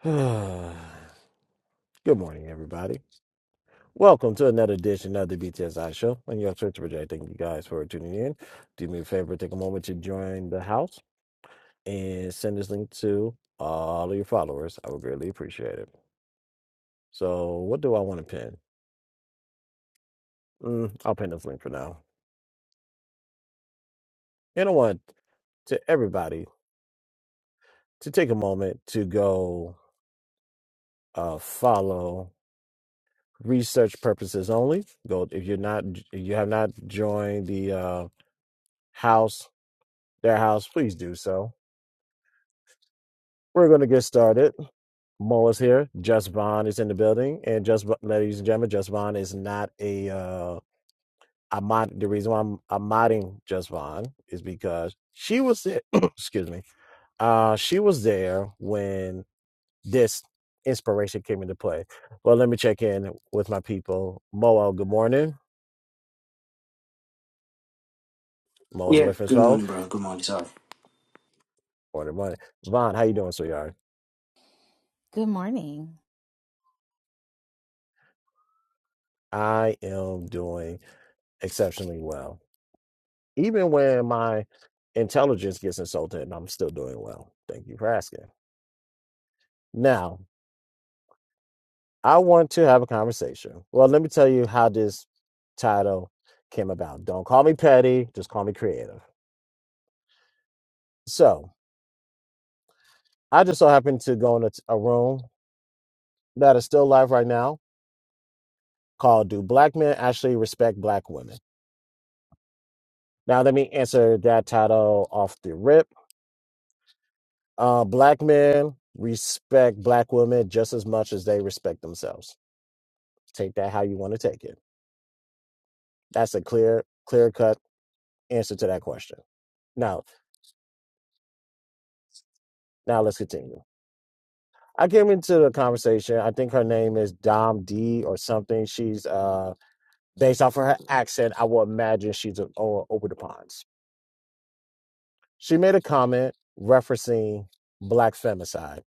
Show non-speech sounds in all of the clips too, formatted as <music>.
<sighs> Good morning, everybody. Welcome to another edition of the BTSI Show. I'm your church Jay. Thank you guys for tuning in. Do me a favor, take a moment to join the house and send this link to all of your followers. I would greatly appreciate it. So, what do I want to pin? Mm, I'll pin this link for now. And I want to everybody to take a moment to go uh, follow research purposes only. Go if you're not, if you have not joined the uh, house their house, please do so. We're going to get started. Mo is here. Just Bond is in the building. And Just, Bo- ladies and gentlemen, Just Bond is not a, uh, i mod- the reason why I'm, I'm modding Just Bond is because she was there, <clears throat> excuse me, uh, she was there when this inspiration came into play. Well, let me check in with my people. Moel, good morning. Mo is Yeah, away from his good phone. morning, bro. Good morning. Sorry. Morning, morning. Vaughn, how you doing, sweetheart? Good morning. I am doing exceptionally well. even when my intelligence gets insulted and I'm still doing well. Thank you for asking. Now, I want to have a conversation. Well, let me tell you how this title came about. Don't call me petty, just call me creative. So, I just so happened to go in a, a room that is still live right now called Do Black Men Actually Respect Black Women? Now, let me answer that title off the rip. Uh, black men respect black women just as much as they respect themselves. Take that how you want to take it. That's a clear, clear cut answer to that question. Now, now let's continue. I came into the conversation. I think her name is Dom D or something. She's uh based off of her accent. I will imagine she's a, o- over the ponds. She made a comment referencing black femicide.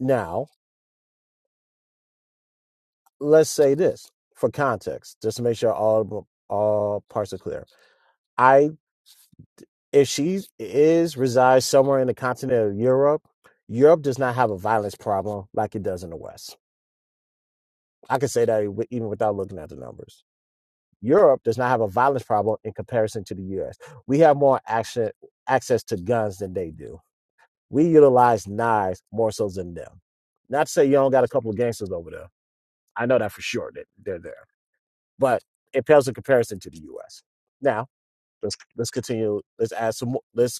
Now, let's say this for context, just to make sure all all parts are clear. I if she is resides somewhere in the continent of Europe, Europe does not have a violence problem like it does in the West I can say that even without looking at the numbers. Europe does not have a violence problem in comparison to the U.S. We have more action, access to guns than they do. We utilize knives more so than them. Not to say you don't got a couple of gangsters over there. I know that for sure that they're there, but it pales in comparison to the U.S. Now let's let's continue. Let's add some. more- Let's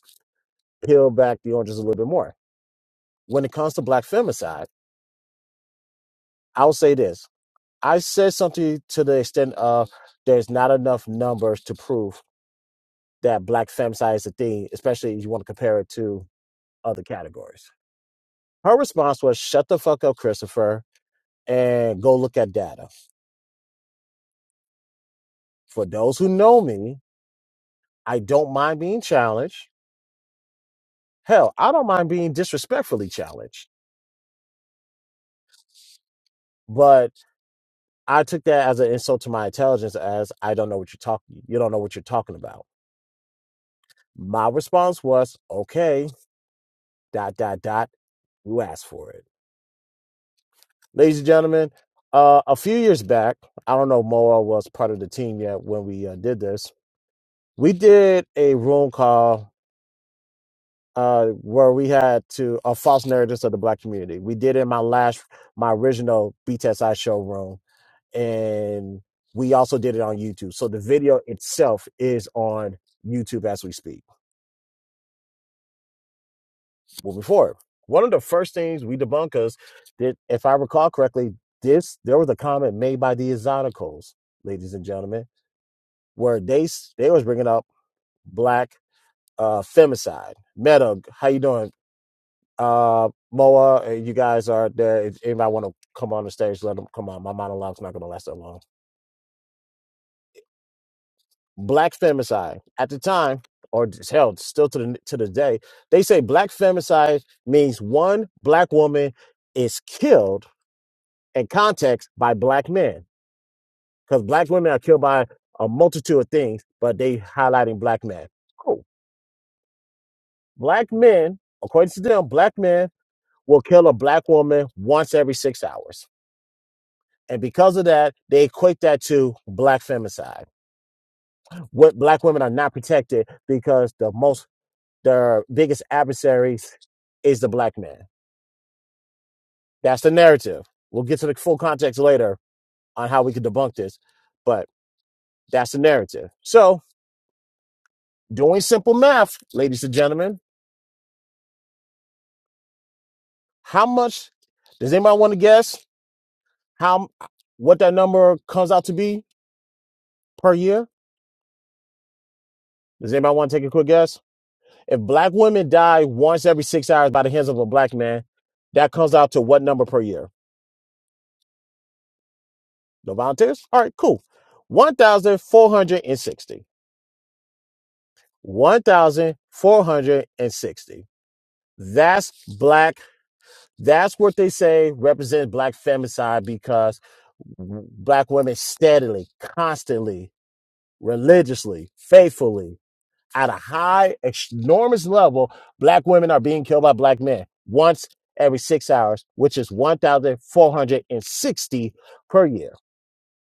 peel back the oranges a little bit more. When it comes to black femicide, I'll say this. I said something to the extent of there's not enough numbers to prove that black femicide is a thing, especially if you want to compare it to other categories. Her response was, shut the fuck up, Christopher, and go look at data. For those who know me, I don't mind being challenged. Hell, I don't mind being disrespectfully challenged. But I took that as an insult to my intelligence as I don't know what you're talking you don't know what you're talking about. My response was, okay, dot dot dot, you asked for it. ladies and gentlemen. Uh, a few years back, I don't know if Moa was part of the team yet when we uh, did this. We did a room call uh, where we had to uh, false narratives of the black community. We did it in my last, my original BTSI show room, and we also did it on YouTube. So the video itself is on YouTube as we speak. Moving forward, one of the first things we debunkers did, if I recall correctly, this there was a comment made by the Exoticals, ladies and gentlemen where they they was bringing up black uh femicide. Meta, how you doing? Uh, Moa, uh, you guys are there. If anybody want to come on the stage, let them come on. My monologue's not gonna last that long. Black femicide at the time, or just held still to the to the day, they say black femicide means one black woman is killed in context by black men because black women are killed by a multitude of things, but they highlighting black men. Cool Black men, according to them, black men will kill a black woman once every six hours. And because of that, they equate that to black femicide. What black women are not protected because the most their biggest adversaries is the black man. That's the narrative. We'll get to the full context later on how we can debunk this, but that's the narrative. So, doing simple math, ladies and gentlemen, how much does anybody want to guess how what that number comes out to be per year? Does anybody want to take a quick guess? If black women die once every six hours by the hands of a black man, that comes out to what number per year? No volunteers? All right, cool. 1,460. 1,460. That's black. That's what they say represents black femicide because black women steadily, constantly, religiously, faithfully at a high, enormous level, black women are being killed by black men once every six hours, which is 1,460 per year.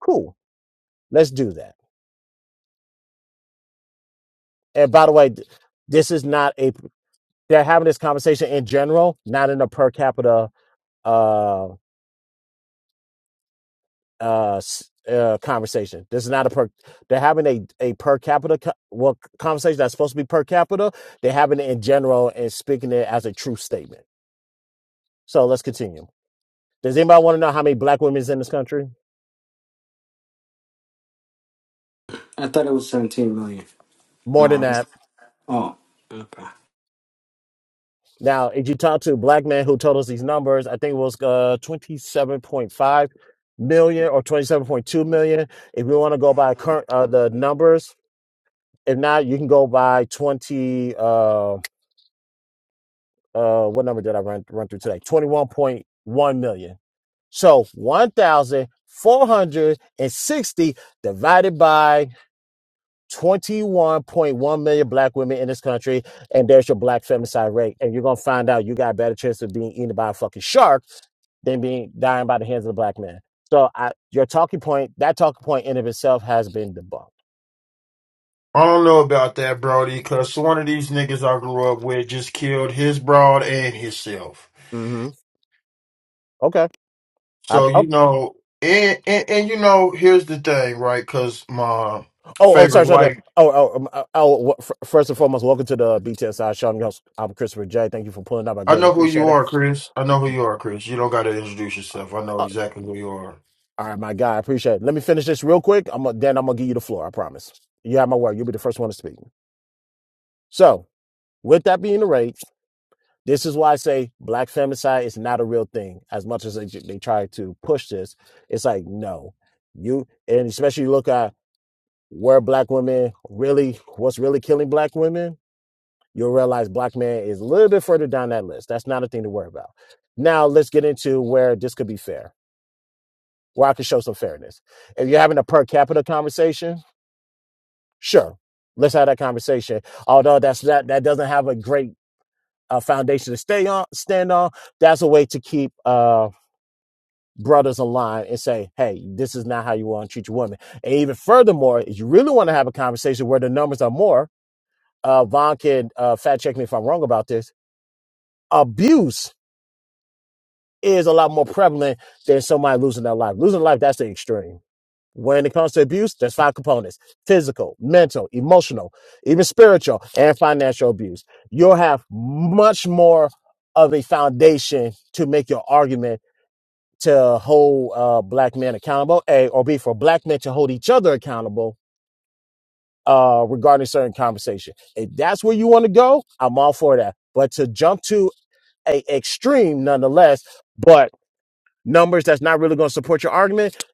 Cool. Let's do that. And by the way, th- this is not a, they're having this conversation in general, not in a per capita uh, uh, s- uh, conversation. This is not a per, they're having a, a per capita co- well, conversation that's supposed to be per capita. They're having it in general and speaking it as a true statement. So let's continue. Does anybody want to know how many black women is in this country? I thought it was 17 million. Am More I than wrong? that. Oh, okay. Now, if you talk to a black man who told us these numbers, I think it was uh, 27.5 million or 27.2 million. If we want to go by current uh, the numbers, if not, you can go by 20. Uh, uh, what number did I run run through today? 21.1 million. So 1,460 divided by 21.1 million black women in this country, and there's your black femicide rate. And you're gonna find out you got a better chance of being eaten by a fucking shark than being dying by the hands of a black man. So I, your talking point, that talking point in of itself has been debunked. I don't know about that, Brody, because one of these niggas I grew up with just killed his broad and himself. hmm Okay. I, So, you oh, oh, know, and, and, and you know, here's the thing, right? Because my oh, sorry, favorite sorry. sorry. white, Oh, oh, um, oh, oh, first and foremost, welcome to the BTSI show. I'm your host, I'm Christopher J. Thank you for pulling up. I I greatly know who you appreciate it. are, Chris. I know who you are, Chris. You don't got to introduce yourself. I know Oh, exactly who you are. all right, my guy, I appreciate it. Let me finish this real quick. I'm gonna, then I'm gonna give you the floor. I promise. You have my word. You'll be the first one to speak. So, With that being the rate, this is why I say black femicide is not a real thing. As much as they, they try to push this, it's like no, you and especially you look at where black women really, what's really killing black women, you'll realize black man is a little bit further down that list. That's not a thing to worry about. Now let's get into where this could be fair, where I could show some fairness. If you're having a per capita conversation, sure, let's have that conversation. Although that's that that doesn't have a great a foundation to stay on, stand on. That's a way to keep uh, brothers aligned and say, hey, this is not how you want to treat your woman." And even furthermore, if you really want to have a conversation where the numbers are more, uh, Von can uh, fact check me if I'm wrong about this. Abuse is a lot more prevalent than somebody losing their life. Losing life, that's the extreme. When it comes to abuse, there's five components physical, mental, emotional, even spiritual, and financial abuse. You'll have much more of a foundation to make your argument to hold uh, black men accountable, A, or B, for black men to hold each other accountable uh, regarding certain conversation. If that's where you want to go, I'm all for that. But to jump to a extreme nonetheless, but numbers that's not really going to support your argument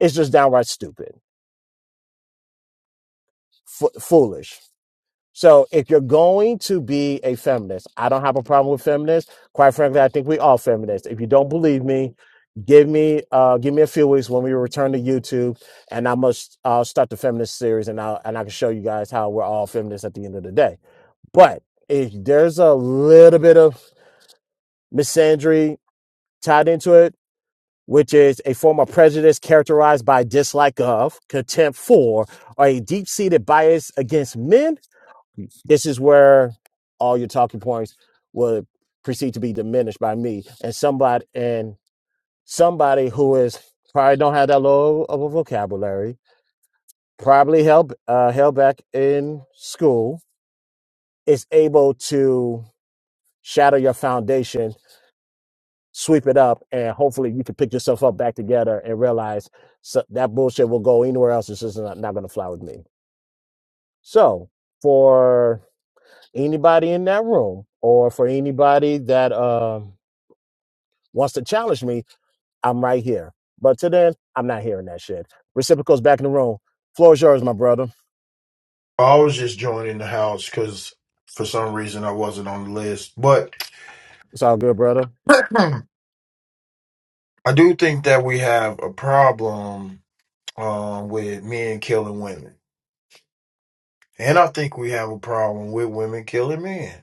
it's just downright stupid f- foolish so if you're going to be a feminist i don't have a problem with feminists quite frankly i think we all feminists if you don't believe me give me uh give me a few weeks when we return to youtube and i must i'll start the feminist series and i and i can show you guys how we're all feminists at the end of the day but if there's a little bit of misandry tied into it which is a form of prejudice characterized by dislike of, contempt for, or a deep seated bias against men. This is where all your talking points would proceed to be diminished by me and somebody and somebody who is probably don't have that low of a vocabulary, probably held uh, held back in school, is able to shatter your foundation sweep it up, and hopefully you can pick yourself up back together and realize so that bullshit will go anywhere else. It's just not, not going to fly with me. So for anybody in that room or for anybody that uh, wants to challenge me, I'm right here. But to then, I'm not hearing that shit. Reciprocal's back in the room. Floor is yours, my brother. I was just joining the house because for some reason I wasn't on the list. But It's all good, brother. <clears throat> I do think that we have a problem um, with men killing women. And I think we have a problem with women killing men.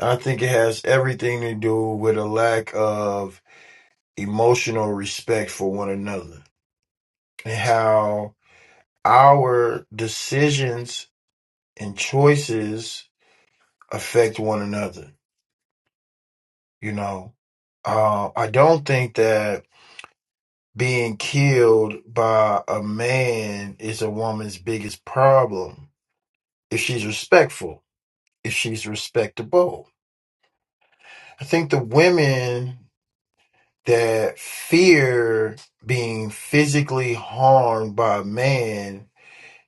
I think it has everything to do with a lack of emotional respect for one another and how our decisions and choices affect one another. You know, uh, I don't think that being killed by a man is a woman's biggest problem if she's respectful, if she's respectable. I think the women that fear being physically harmed by man,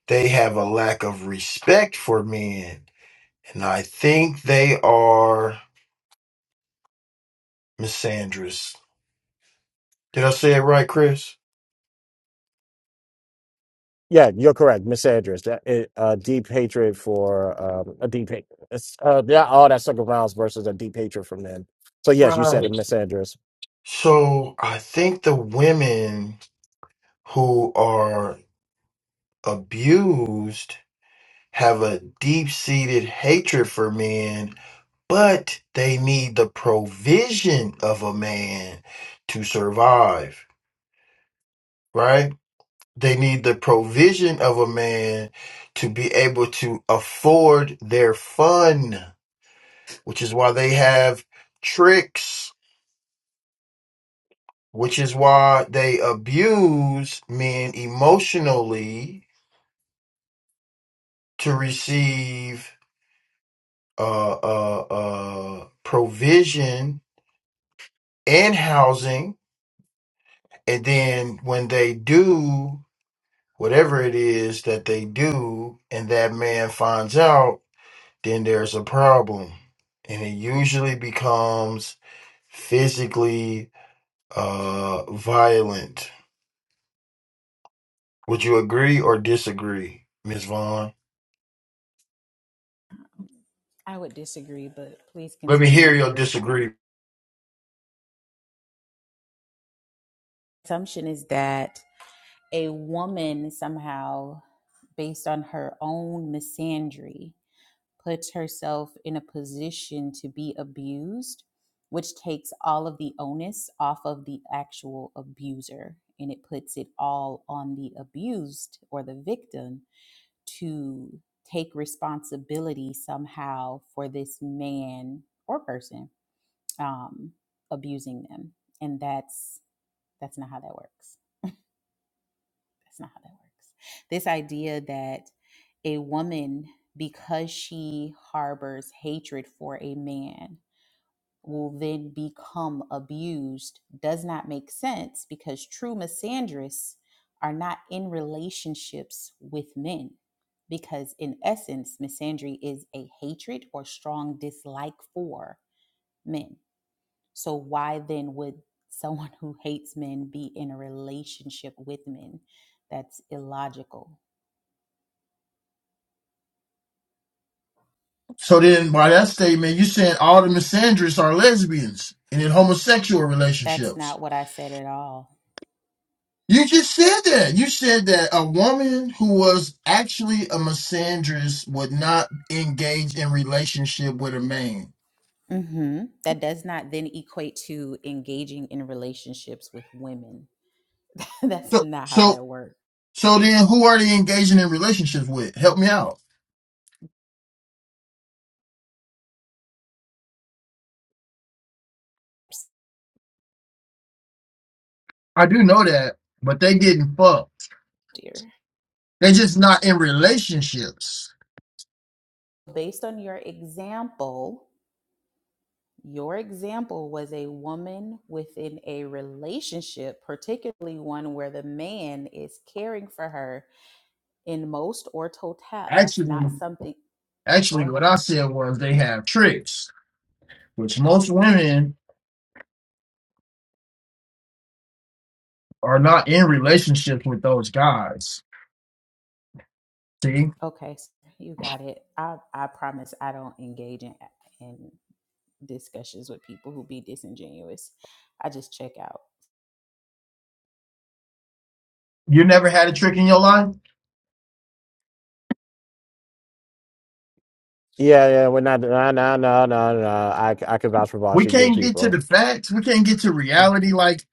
they have a lack of respect for men. And I think they are misandrous. Did I say it right, Chris? Yeah, you're correct. Misaddress. That it, uh, deep hatred for um, a deep hate. It's, uh, yeah, all that circle rounds versus a deep hatred from them. So yes, you said a Right. misaddress. So I think the women who are abused have a deep seated hatred for men, but they need the provision of a man to survive, right? They need the provision of a man to be able to afford their fun, which is why they have tricks, which is why they abuse men emotionally to receive uh, uh, uh, provision and housing. And then when they do whatever it is that they do, and that man finds out, then there's a problem. And it usually becomes physically uh, violent. Would you agree or disagree, Ms. Vaughn? I would disagree, but please Let me hear continue your your point. disagree. Assumption is that a woman somehow, based on her own misandry, puts herself in a position to be abused, which takes all of the onus off of the actual abuser and it puts it all on the abused or the victim to take responsibility somehow for this man or person um, abusing them and that's that's not how that works that's not how that works this idea that a woman because she harbors hatred for a man will then become abused does not make sense because true misandrists are not in relationships with men because in essence misandry is a hatred or strong dislike for men So why then would someone <laughs> who hates men be in a relationship with men? That's illogical. So then, by that statement, you're saying all the misandrists are lesbians and in homosexual That's relationships. not what I said at all. You just said that. You said that a woman who was actually a misandrist would not engage in relationship with a man. hmm That does not then equate to engaging in relationships with women. <laughs> That's So, not how so that works, So then who are they engaging in relationships with? Help me out. I do know that, but they getting fucked. dear. They just not in relationships. Based on your example, your example was a woman within a relationship, particularly one where the man is caring for her in most or total that's Actually, not something Go actually what I ahead. said was they have tricks, which most women are not in relationships with those guys. See? Okay, s- you got it. I I promise I don't engage in in discussions with people who be disingenuous. I just check out. You never had a trick in your life? Yeah, yeah, we're not. No, no, no, no, no. I I can vouch for We Vashi. Good can't get to people. the facts. We can't get to reality. Like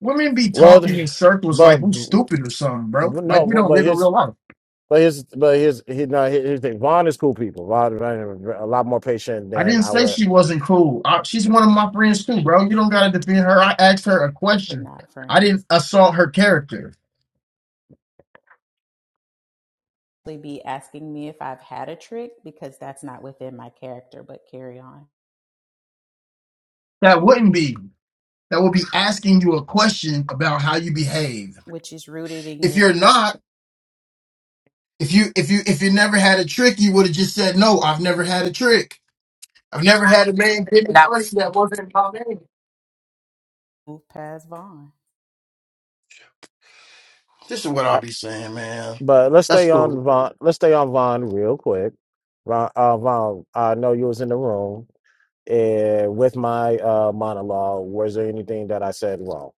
women be Well, talking in circles like but we stupid or something, bro. but Like no, we but, don't but live in real here's life. but here's but here's he, no, here- here's the thing. Vaughn is cool people. Vaughn, Vaughn is a lot more patient I than didn't I say would. she wasn't cool. I, she's one of my friends too, bro. You don't gotta defend her. I asked her a We're question. not I didn't friends. assault her character. They be asking me if I've had a trick because that's not within my character, but carry on, That wouldn't be. That would be asking you a question about how you behave. which is rooted in If your you're not, if you if you if you never had a trick, you would have just said no. I've never had a trick. I've never had a man give me That money was that wasn't my name. move past Vaughn. This is what I'll I, be saying, man. but let's That's stay cool. on Vaughn. Let's stay on Vaughn real quick. Vaughn, uh, Vaughn, I know you was in the room. and with my uh, monologue, was there anything that I said wrong?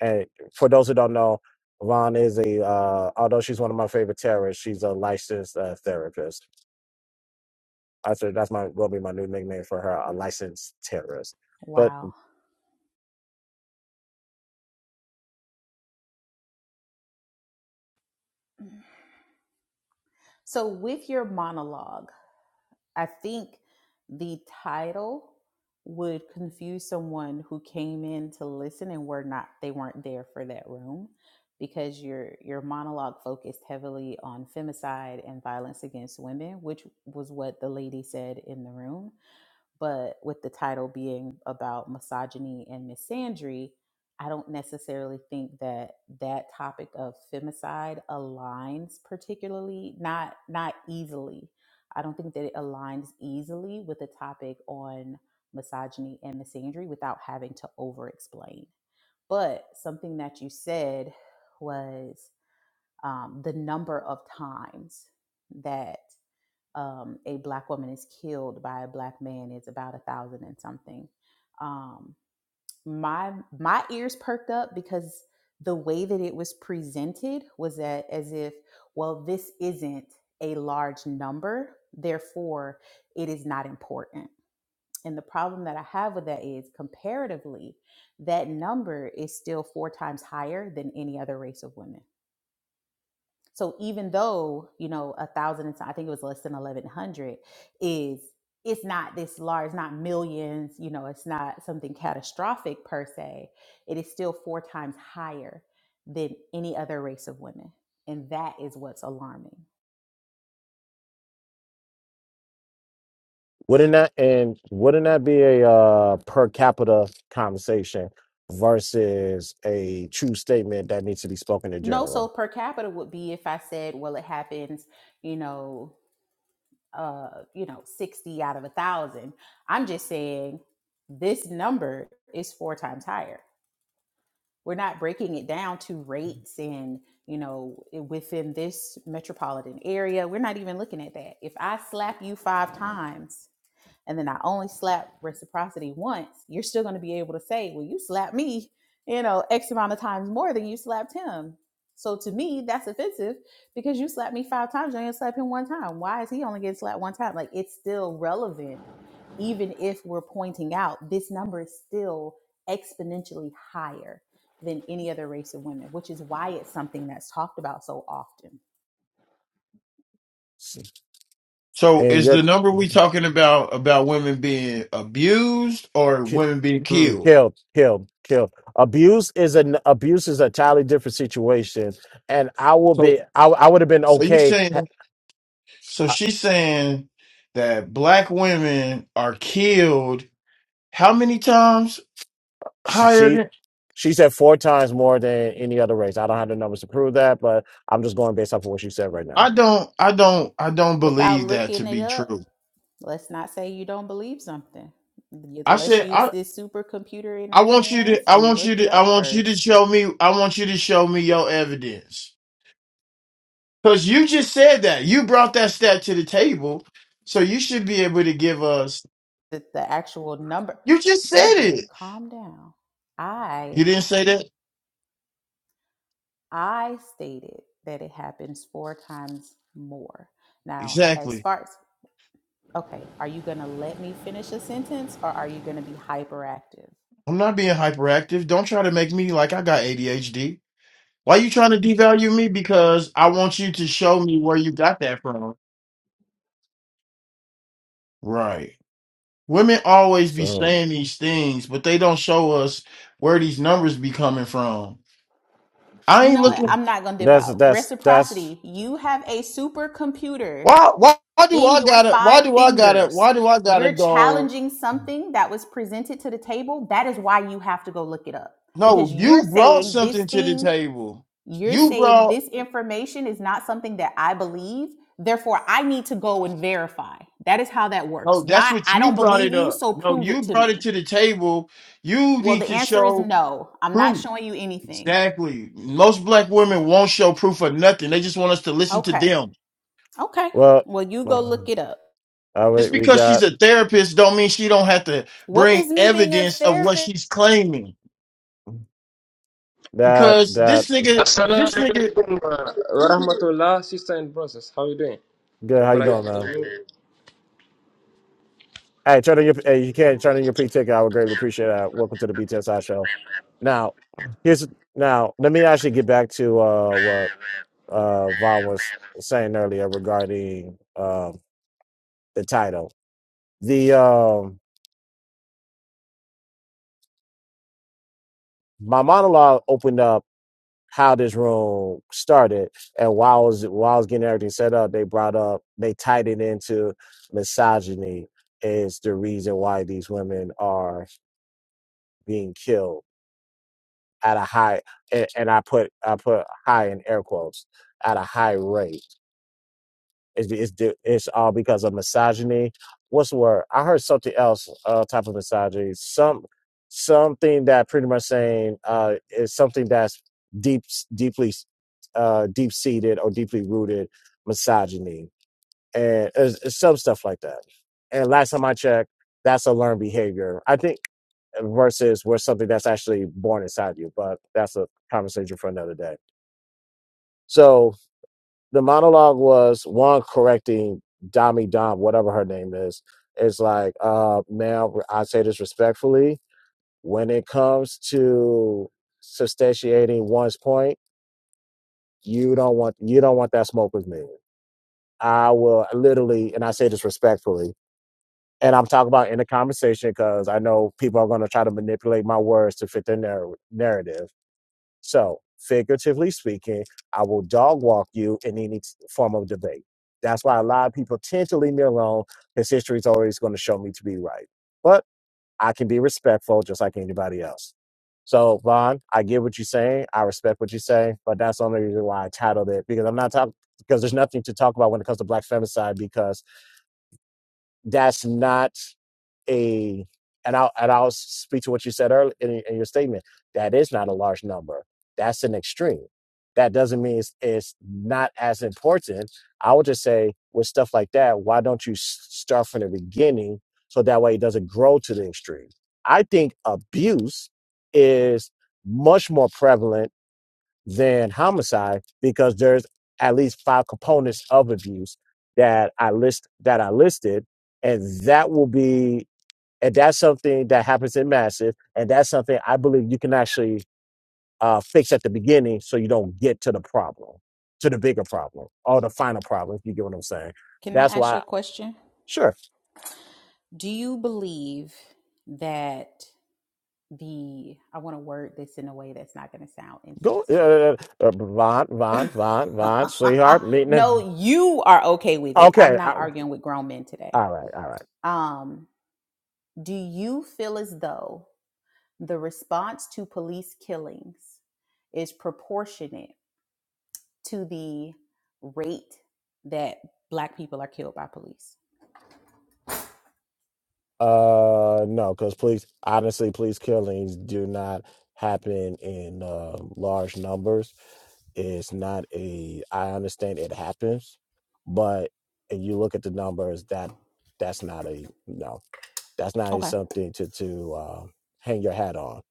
And for those who don't know, Ron is a uh, although she's one of my favorite terrorists, she's a licensed uh, therapist. I said that's my will be my new nickname for her, a licensed terrorist. But Wow. So with your monologue, I think the title would confuse someone who came in to listen and were not they weren't there for that room because your your monologue focused heavily on femicide and violence against women, which was what the lady said in the room but with the title being about misogyny and misandry, I don't necessarily think that that topic of femicide aligns particularly not not easily. I don't think that it aligns easily with the topic on misogyny and misandry without having to over explain. But something that you said was um, the number of times that um, a black woman is killed by a black man it's about a thousand and something um, my my ears perked up because the way that it was presented was that as if well this isn't a large number therefore it is not important and the problem that i have with that is comparatively that number is still four times higher than any other race of women so even though, you know, a thousand and I think it was less than eleven hundred is it's not this large, it's not millions, you know, it's not something catastrophic per se. It is still four times higher than any other race of women. And that is what's alarming. wouldn't that and wouldn't that be a uh, per capita conversation versus a true statement that needs to be spoken in No, general? so per capita would be if I said, well, it happens, you know, uh, you know, 60 out of a thousand. I'm just saying this number is four times higher we're not breaking it down to rates and you know within this metropolitan area we're not even looking at that if i slap you five times and then I only slap reciprocity once, you're still going to be able to say, well, you slapped me, you know, X amount of times more than you slapped him. So to me, that's offensive because you slapped me five times, you ain't slapped him one time. Why is he only getting slapped one time? Like it's still relevant, even if we're pointing out this number is still exponentially higher than any other race of women, which is why it's something that's talked about so often. So And is you're the number we talking about about women being abused or Ki- women being mm, killed? Kill, kill, kill. Abuse is an abuse is a totally different situation, and I will So. be. I I would have been So you okay. ha- saying so I- she's saying that black women are killed how many times She, higher she than she said four times more than any other race. I don't have the numbers to prove that, but I'm just going based off of what she said right now. I don't I don't I don't Without believe that to looking it be up, true. Let's not say you don't believe something. I Let's said use I this supercomputer in I our want you hands to I and want you look it to I up want you to first. show me I want you to show me your evidence. Cuz you just said that. You brought that stat to the table. So you should be able to give us The, the actual number. You just said Brother, it. calm down. I You didn't say that? I stated that it happens four times more. Now, as Exactly. far as okay, are you gonna let me finish a sentence or are you gonna be hyperactive? I'm not being hyperactive. Don't try to make me like I got ADHD. Why you trying to devalue me? Because I want you to show me where you got that from. Right. Women always be So saying these things, but they don't show us where these numbers be coming from. I You ain't know what? looking mm, I'm not gonna dip that's out. that's that's Reciprocity. You have a supercomputer why why why do in I your gotta why five do I gotta fingers. why do I gotta You're go? challenging something that was presented to the table. That is why you have to go look it up because No, you're you brought saying this something to the thing, table. you're You saying brought this information is not something that I believe. Therefore, I need to go and verify. That is how that no, works. that's Not, what I you don't brought believe it you, up. so No, prove you it to brought it to me. the table. You Well, need the to answer is show no. I'm not proof. showing you anything. Exactly. Most black women won't show proof of nothing. They just want us to listen to Okay. them. Okay. well. Well, you uh, go look it up. All right, Just we because she's got a therapist don't mean she don't have to What bring does me being a evidence of what therapist? she's claiming. that Because that this nigga, Assalamu this nigga, alaikum. rahmatullah, sister in process. How are you doing? good. Oh, How you doing, man? Brother, Hey, turn on your hey, you can turn on your pink ticket. I would greatly appreciate that. Welcome to the BTSI show. Now, here's now let me actually get back to uh what uh Vaughn was saying earlier regarding um the title. The um my monologue opened up how this room started and while I was while I was getting everything set up, they brought up they tied it into misogyny is the reason why these women are being killed at a high and, and I put I put high in air quotes at a high rate. It's it's, it's all because of misogyny. What's the word? I heard something else uh, type of misogyny. Some something that pretty much saying uh, is something that's deep deeply uh, deep seated or deeply rooted misogyny and uh, some stuff like that. And last time I checked, that's a learned behavior. I think uh, versus where something that's actually born inside you. But that's a conversation for another day. So the monologue was one correcting Dami Dom, whatever her name is, It's like, uh, ma'am, I say this respectfully. When it comes to substantiating one's point, you don't want you don't want that smoke with me. I will literally, and I say this respectfully. and I'm talking about in the conversation because I know people are going to try to manipulate my words to fit their narr- narrative. So, figuratively speaking, I will dog walk you in any form of debate. That's why a lot of people tend to leave me alone because history is always going to show me to be right. But I can be respectful just like anybody else. So, Vaughn, I get what you're saying. I respect what you're saying, but that's the only reason why I titled it because I'm not talking because there's nothing to talk about when it comes to black femicide because that's not a and I'll and I'll speak to what you said earlier in, in your statement. That is not a large number. That's an extreme. That doesn't mean it's, it's not as important. I would just say with stuff like that, why don't you s- start from the beginning so that way it doesn't grow to the extreme? I think abuse is much more prevalent than homicide because there's at least five components of abuse that I list that I listed, and that will be and that's something that happens in massive. And that's something I believe you can actually uh, fix at the beginning so you don't get to the problem, to the bigger problem or the final problem, if you get what I'm saying. Can That's I ask you a why, question? sure, Do you believe that the I want to word this in a way that's not going to sound go, insensitive? uh, uh, Von, Von, Von, Von, <laughs> sweetheart, meeting. in- no, you are okay with it. I'm Okay, I, not all arguing with grown men today. right, all right. Um, do you feel as though the response to police killings is proportionate to the rate that black people are killed by police? Uh, no, because please, honestly, police killings do not happen in uh, large numbers It's not a. I understand it happens, but and you look at the numbers. That that's not a no. That's not a Okay. something to to uh, hang your hat on.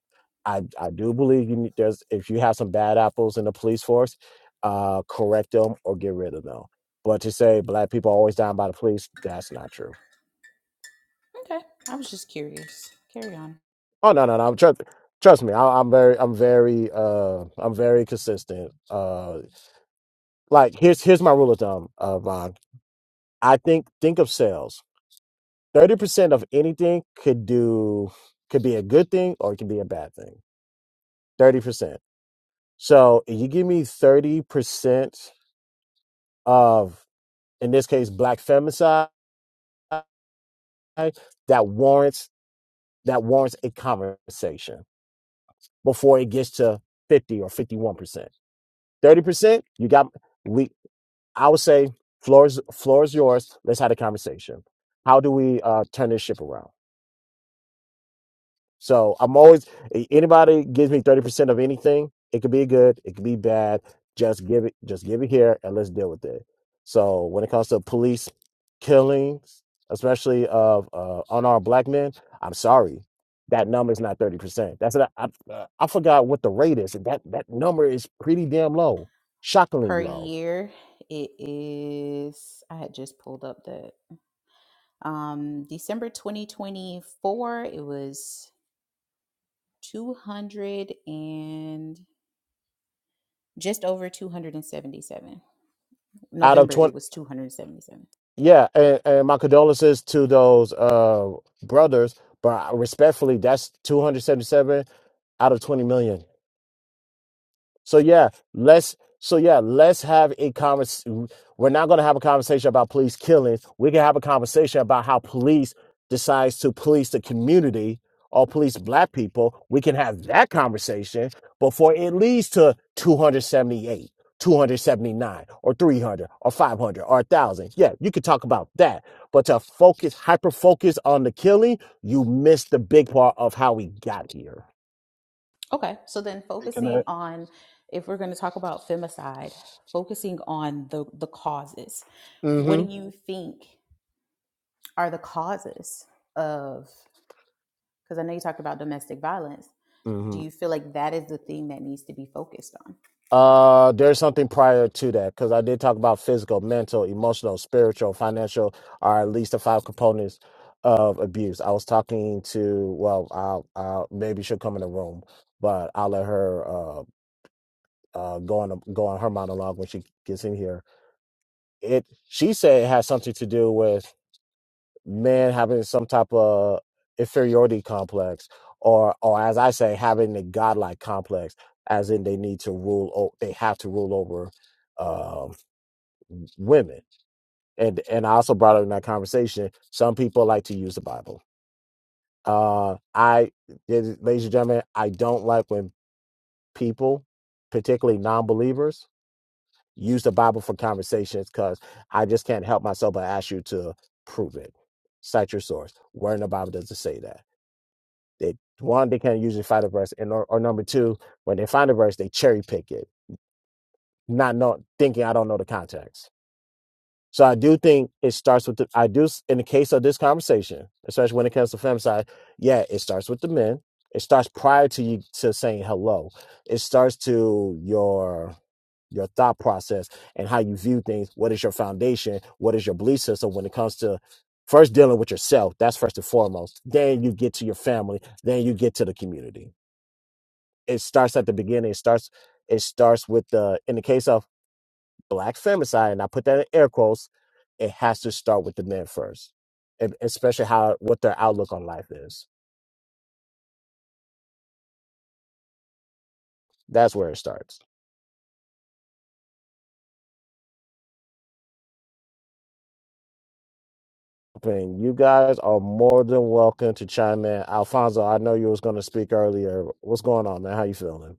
I I do believe you need, there's if you have some bad apples in the police force, uh, correct them or get rid of them. But to say black people are always dying by the police, that's not true. Okay. I was just curious. Carry on. Oh no no no. trust trust me. I, I'm very I'm very uh I'm very consistent. Uh, like here's here's my rule of thumb, uh, Von. I think think of sales. Thirty percent of anything could do could be a good thing or it can be a bad thing. Thirty percent. So if you give me thirty percent of in this case black femicide, that warrants that warrants a conversation before it gets to fifty or fifty one percent. Thirty percent, you got we I would say floor is floor is yours. Let's have a conversation. How do we uh, turn this ship around? So I'm always anybody gives me 30% of anything, it could be good, it could be bad. Just give it, just give it here and let's deal with it. So when it comes to police killings, especially of uh, unarmed black men, I'm sorry. That number is not 30%. That's not, I, I forgot what the rate is. and That that number is pretty damn low. Shockingly per low. year. It is, I had just pulled up the Um, December 2024, it was 200 and just over 277. Out of November, it 20 was 277. yeah, and, and my condolences to those uh brothers, but respectfully that's 277 out of 20 million. So yeah, let's so yeah, let's have a conversation. We're not going to have a conversation about police killings. We can have a conversation about how police decides to police the community or police black people. We can have that conversation before it leads to 278, 279, or 300, or 500, or 1,000. Yeah, you could talk about that. But to focus, hyper focus on the killing, you miss the big part of how we got here. Okay, so then Hey, can I? focusing on, if we're going to talk about femicide, focusing on the, the causes, what Mm-hmm. do you think are the causes of? Because I know you talked about domestic violence. Mm-hmm. Do you feel like that is the thing that needs to be focused on? Uh, there's something prior to that because I did talk about physical, mental, emotional, spiritual, financial are at least the five components of abuse. I was talking to well, I'll, I'll maybe she'll come in the room, but I'll let her uh, uh go on go on her monologue when she gets in here. It she said it has something to do with man having some type of inferiority complex or or as i say having the godlike complex as in they need to rule o- they have to rule over um women and and i also brought up in that conversation some people like to use the bible uh i ladies and gentlemen i don't like when people particularly non-believers use the bible for conversations because i just can't help myself but ask you to prove it cite your source where in the bible does it say that They one, they can't usually find a verse, and or, or number two, when they find a verse, they cherry pick it, not know thinking I don't know the context. So I do think it starts with the I do s- in the case of this conversation, especially when it comes to femicide. Yeah, it starts with the men. It starts prior to you to saying hello. It starts to your your thought process and how you view things. What is your foundation? What is your belief system when it comes to first dealing with yourself? That's first and foremost. Then you get to your family. Then you get to the community it starts at the beginning. It starts it starts with the in the case of black femicide, and I put that in air quotes. It has to start with the men first, and especially how what their outlook on life is. That's where it starts. I mean, you guys are more than welcome to chime in. Alfonso, I know you was going to speak earlier. What's going on, man? How you feeling?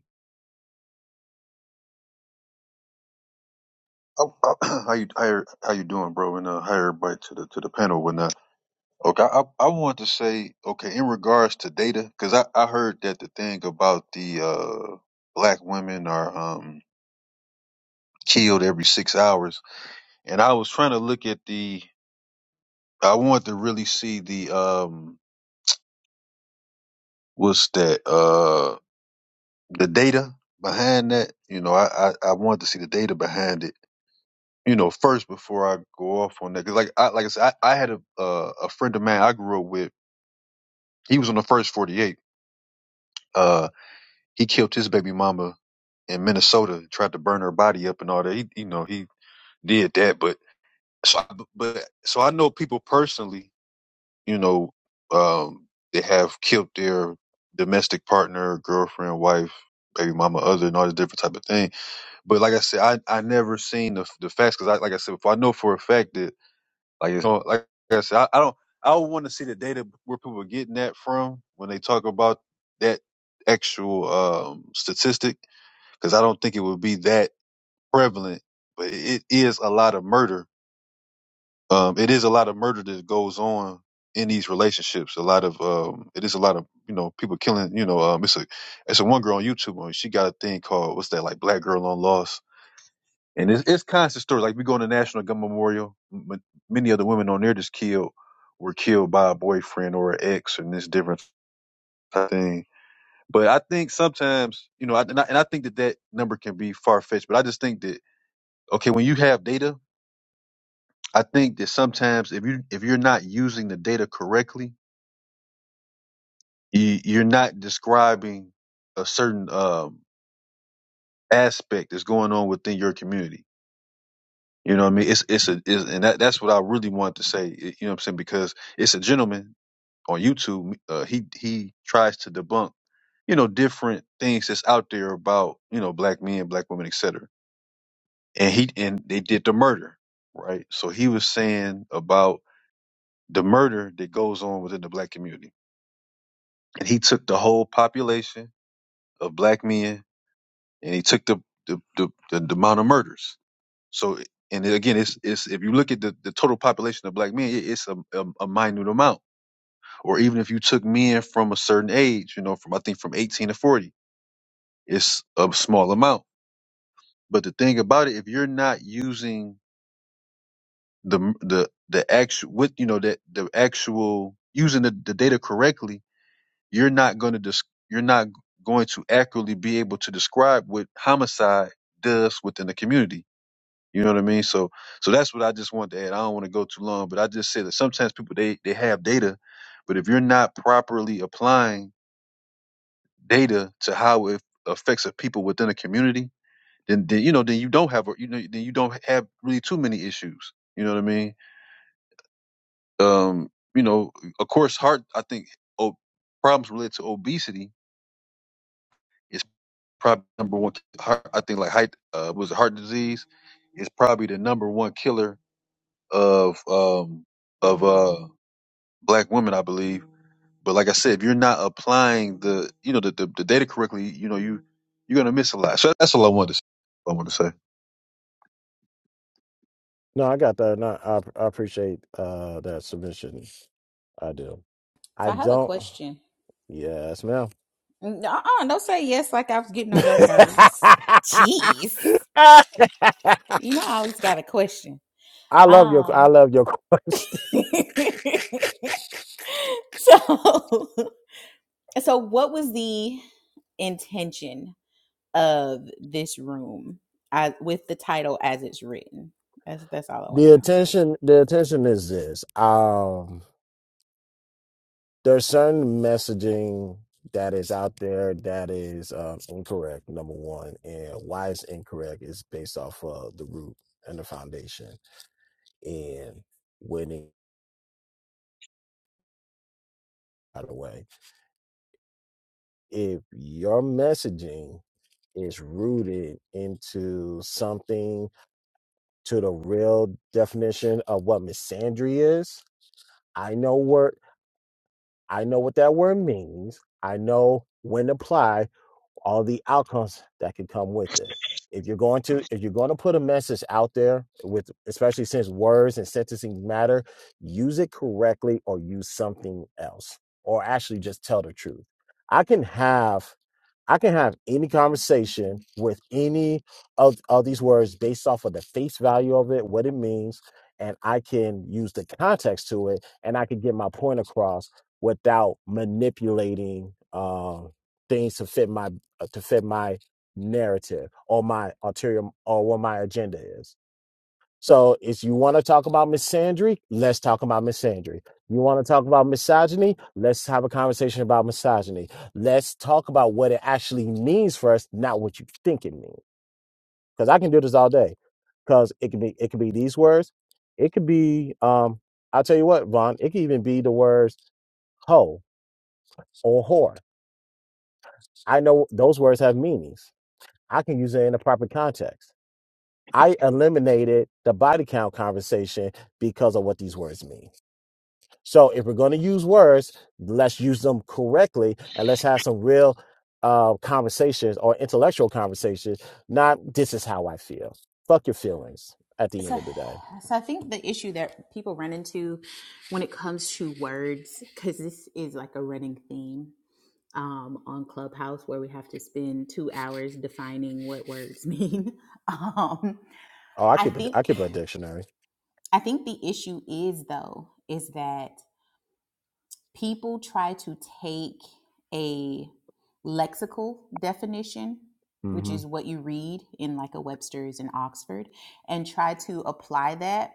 Oh, <clears throat> how you how, you- how you doing, bro? And uh, hi everybody to the to the panel, and whatnot. Okay, I I want to say okay in regards to data because I I heard that the thing about the uh black women are um killed every six hours, and I was trying to look at the I wanted to really see the um what's that uh the data behind that. You know, I I, I wanted to see the data behind it you know, first before I go off on that. 'Cause like I like I said, I, I had a uh, a friend of mine I grew up with. He was on the first forty eight. Uh, he killed his baby mama in Minnesota. Tried to burn her body up and all that. He, you know, he did that. But so, I, but so I know people personally. You know, um, they have killed their domestic partner, girlfriend, wife, baby mama, other, and all this different type of thing. But like I said, I I never seen the the facts because I like I said before, I know for a fact that. Like it's no, like I said, I, I don't I want to see the data where people are getting that from when they talk about that actual um, statistic because I don't think it would be that prevalent. But it is a lot of murder. Um, it is a lot of murder that goes on in these relationships. A lot of um, it is a lot of you know people killing. You know, um, it's a it's a one girl on YouTube. She got a thing called what's that like Black Girl on Loss and it's, it's constant stories. Like we go to National Gun Memorial, m- many of the women on there just killed were killed by a boyfriend or an ex and this different thing. But I think sometimes, you know, I, and, I, and I think that that number can be far fetched. But I just think that okay, when you have data, I think that sometimes if you if you're not using the data correctly, you, you're not describing a certain um, aspect that's going on within your community You know what I mean? It's it's a it's, and that that's what I really wanted to say. You know what I'm saying? Because it's a gentleman on YouTube. Uh, he he tries to debunk you know different things that's out there about you know black men, black women, etc. And he and they did the murder, right? So he was saying about the murder that goes on within the black community, and he took the whole population of black men and he took the the the, the, the amount of murders So, and it- again, it's it's if you look at the, the total population of black men, it- it's a, a, a minute amount. Or even if you took men from a certain age, you know, from I think from 18 to 40, it's a small amount. But the thing about it, if you're not using the the the actual with you know that the actual using the, the data correctly, you're not going to dis- you're not going to accurately be able to describe what homicide does within the community You know what I mean? So so that's what I just want to add. I don't want to go too long, but I just say that sometimes people they they have data, but if you're not properly applying data to how it affects the people within a community, then then you know then you don't have a- you know then you don't have really too many issues. You know what I mean? Um, you know, of course, heart. I think oh, problems related to obesity is probably number one. Heart, I think like height uh, was it heart disease is probably the number one killer of um of uh black women, I believe. But like I said, if you're not applying the you know the the, the data correctly, you know you you're gonna miss a lot. So that's all I wanted to say. I want to say. No, I got that. No, I, I appreciate uh, that submission. I do. So I I have a don't. question. Yes, ma'am. No, Uh-uh, don't say yes like I was <laughs> getting on your I nerves. Jeez. You know, I always got a question. love your I Um, love your question. <laughs> so, so what was the intention of this room as, with the title as it's written? That's that's all I want to The know. attention the attention is this. Um there's certain messaging that is out there that is um, incorrect number one and why it's incorrect is based off of the root and the foundation and winning by the way if your messaging is rooted into something to the real definition of what misandry is i know what i know what that word means i know when to apply all the outcomes that can come with it. If you're going to if you're going to put a message out there with especially since words and sentencing matter, use it correctly or use something else or actually just tell the truth. I can have I can have any conversation with any of, of these words based off of the face value of it, what it means, and I can use the context to it and I can get my point across without manipulating um, things to fit my uh, to fit my narrative or my ulterior or what my agenda is. So if you want to talk about misandry, let's talk about misandry. You want to talk about misogyny? Let's have a conversation about misogyny. Let's talk about what it actually means for us, not what you think it means. Because I can do this all day. Because it could be it could be these words. It could be um I'll tell you what, Vaughn, it could even be the words hoe or whore. I know those words have meanings. I can use it in the proper context. I eliminated the body count conversation because of what these words mean. So if we're going to use words, let's use them correctly and let's have some real uh, conversations or intellectual conversations, not this is how I feel. Fuck your feelings at the end So, of the day. so I think the issue that people run into when it comes to words, because this is like a running theme um, on Clubhouse, where we have to spend two hours defining what words mean. <laughs> Um, Oh, I I keep a, think, I keep a dictionary. I think the issue is though, is that people try to take a lexical definition, which hmm is what you read in like a Webster's and Oxford, and try to apply that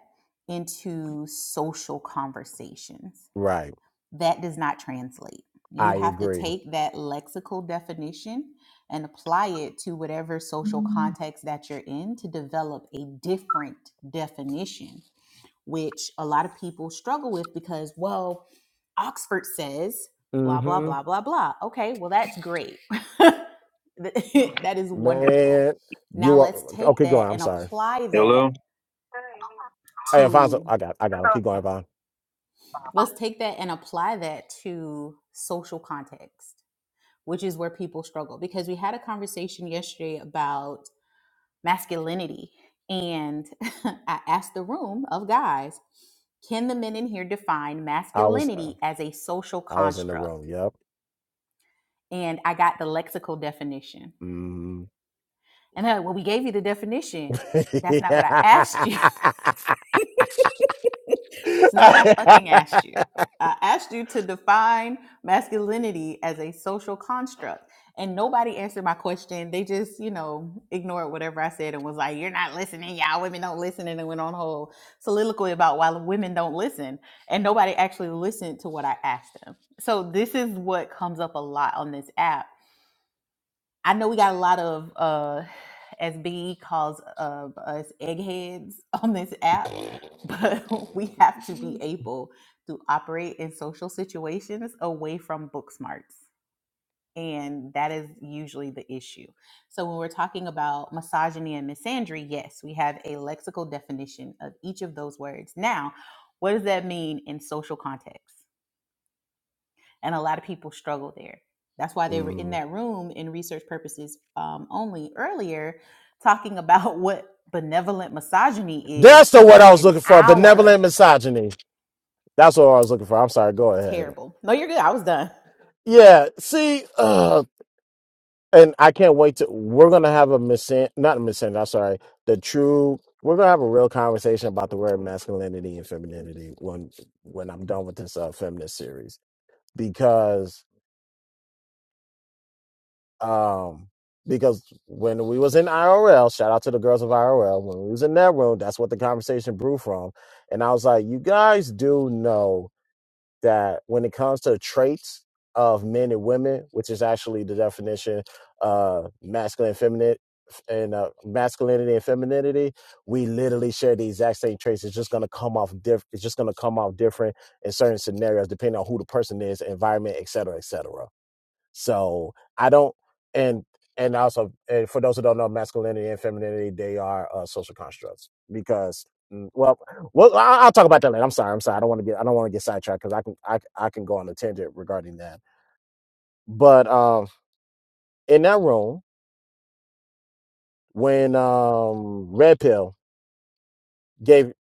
into social conversations. Right. That does not translate. You I have to agree. take that lexical definition and apply it to whatever social context that you're in to develop a different definition which a lot of people struggle with because, well, Oxford says blah, blah, hmm blah, blah, blah. Okay, well, that's great. <laughs> that is wonderful. Man, you Now are let's take okay. Go that on. I'm and sorry. apply that Hello. Hey, Alfonso, to, I got I got him. Keep going, oh, Von. let's take that and apply that to social context, which is where people struggle. Because we had a conversation yesterday about masculinity. And <laughs> I asked the room of guys, can the men in here define I was uh, masculinity as a social I was in the construct? room. Yep. And I got the lexical definition. And they're like, well, we gave you the definition. That's not what I asked you. <laughs> <laughs> it's not what I fucking asked you. I asked you to define masculinity as a social construct. And nobody answered my question. They just, you know, ignored whatever I said and was like, you're not listening. Y'all women don't listen. And then went on a whole soliloquy about why women don't listen. And nobody actually listened to what I asked them. So this is what comes up a lot on this app I know we got a lot of uh as Big E calls of us eggheads <laughs> on this app, but <laughs> we have to be able to operate in social situations away from book smarts. And that is usually the issue. So when we're talking about misogyny and misandry, yes, we have a lexical definition of each of those words. Now, what does that mean in social context? and a lot of people struggle there. That's why they were in Mhm. that room in research purposes um, only earlier, talking <laughs> about what benevolent misogyny That's is the word for I was an looking for. hour. Benevolent misogyny. That's what I was looking for. I'm sorry. Go ahead. Terrible. No, you're good. I was done. Yeah. See, uh, and I can't wait to. We're gonna have a misin, not a misin. I'm sorry. The true. We're gonna have a real conversation about the word masculinity and femininity when when I'm done with this uh, feminist series because um because when we was in IRL, shout out to the girls of IRL, when we was in that room, that's what the conversation brew from. And I was like, you guys do know that when it comes to traits of men and women, which is actually the definition uh masculine and feminine and uh, masculinity and femininity, we literally share the exact same traits. It's just gonna come off different. It's just gonna come off different in certain scenarios, depending on who the person is, environment, et cetera, et cetera. So I don't, and and also and for those who don't know, masculinity and femininity they are uh, social constructs because. mm, Well, well, I- I'll talk about that later. I'm sorry. I'm sorry. I don't want to get. I don't want to get sidetracked because I can. I, I can go on a tangent regarding that. But um, in that room, when um Red Pill gave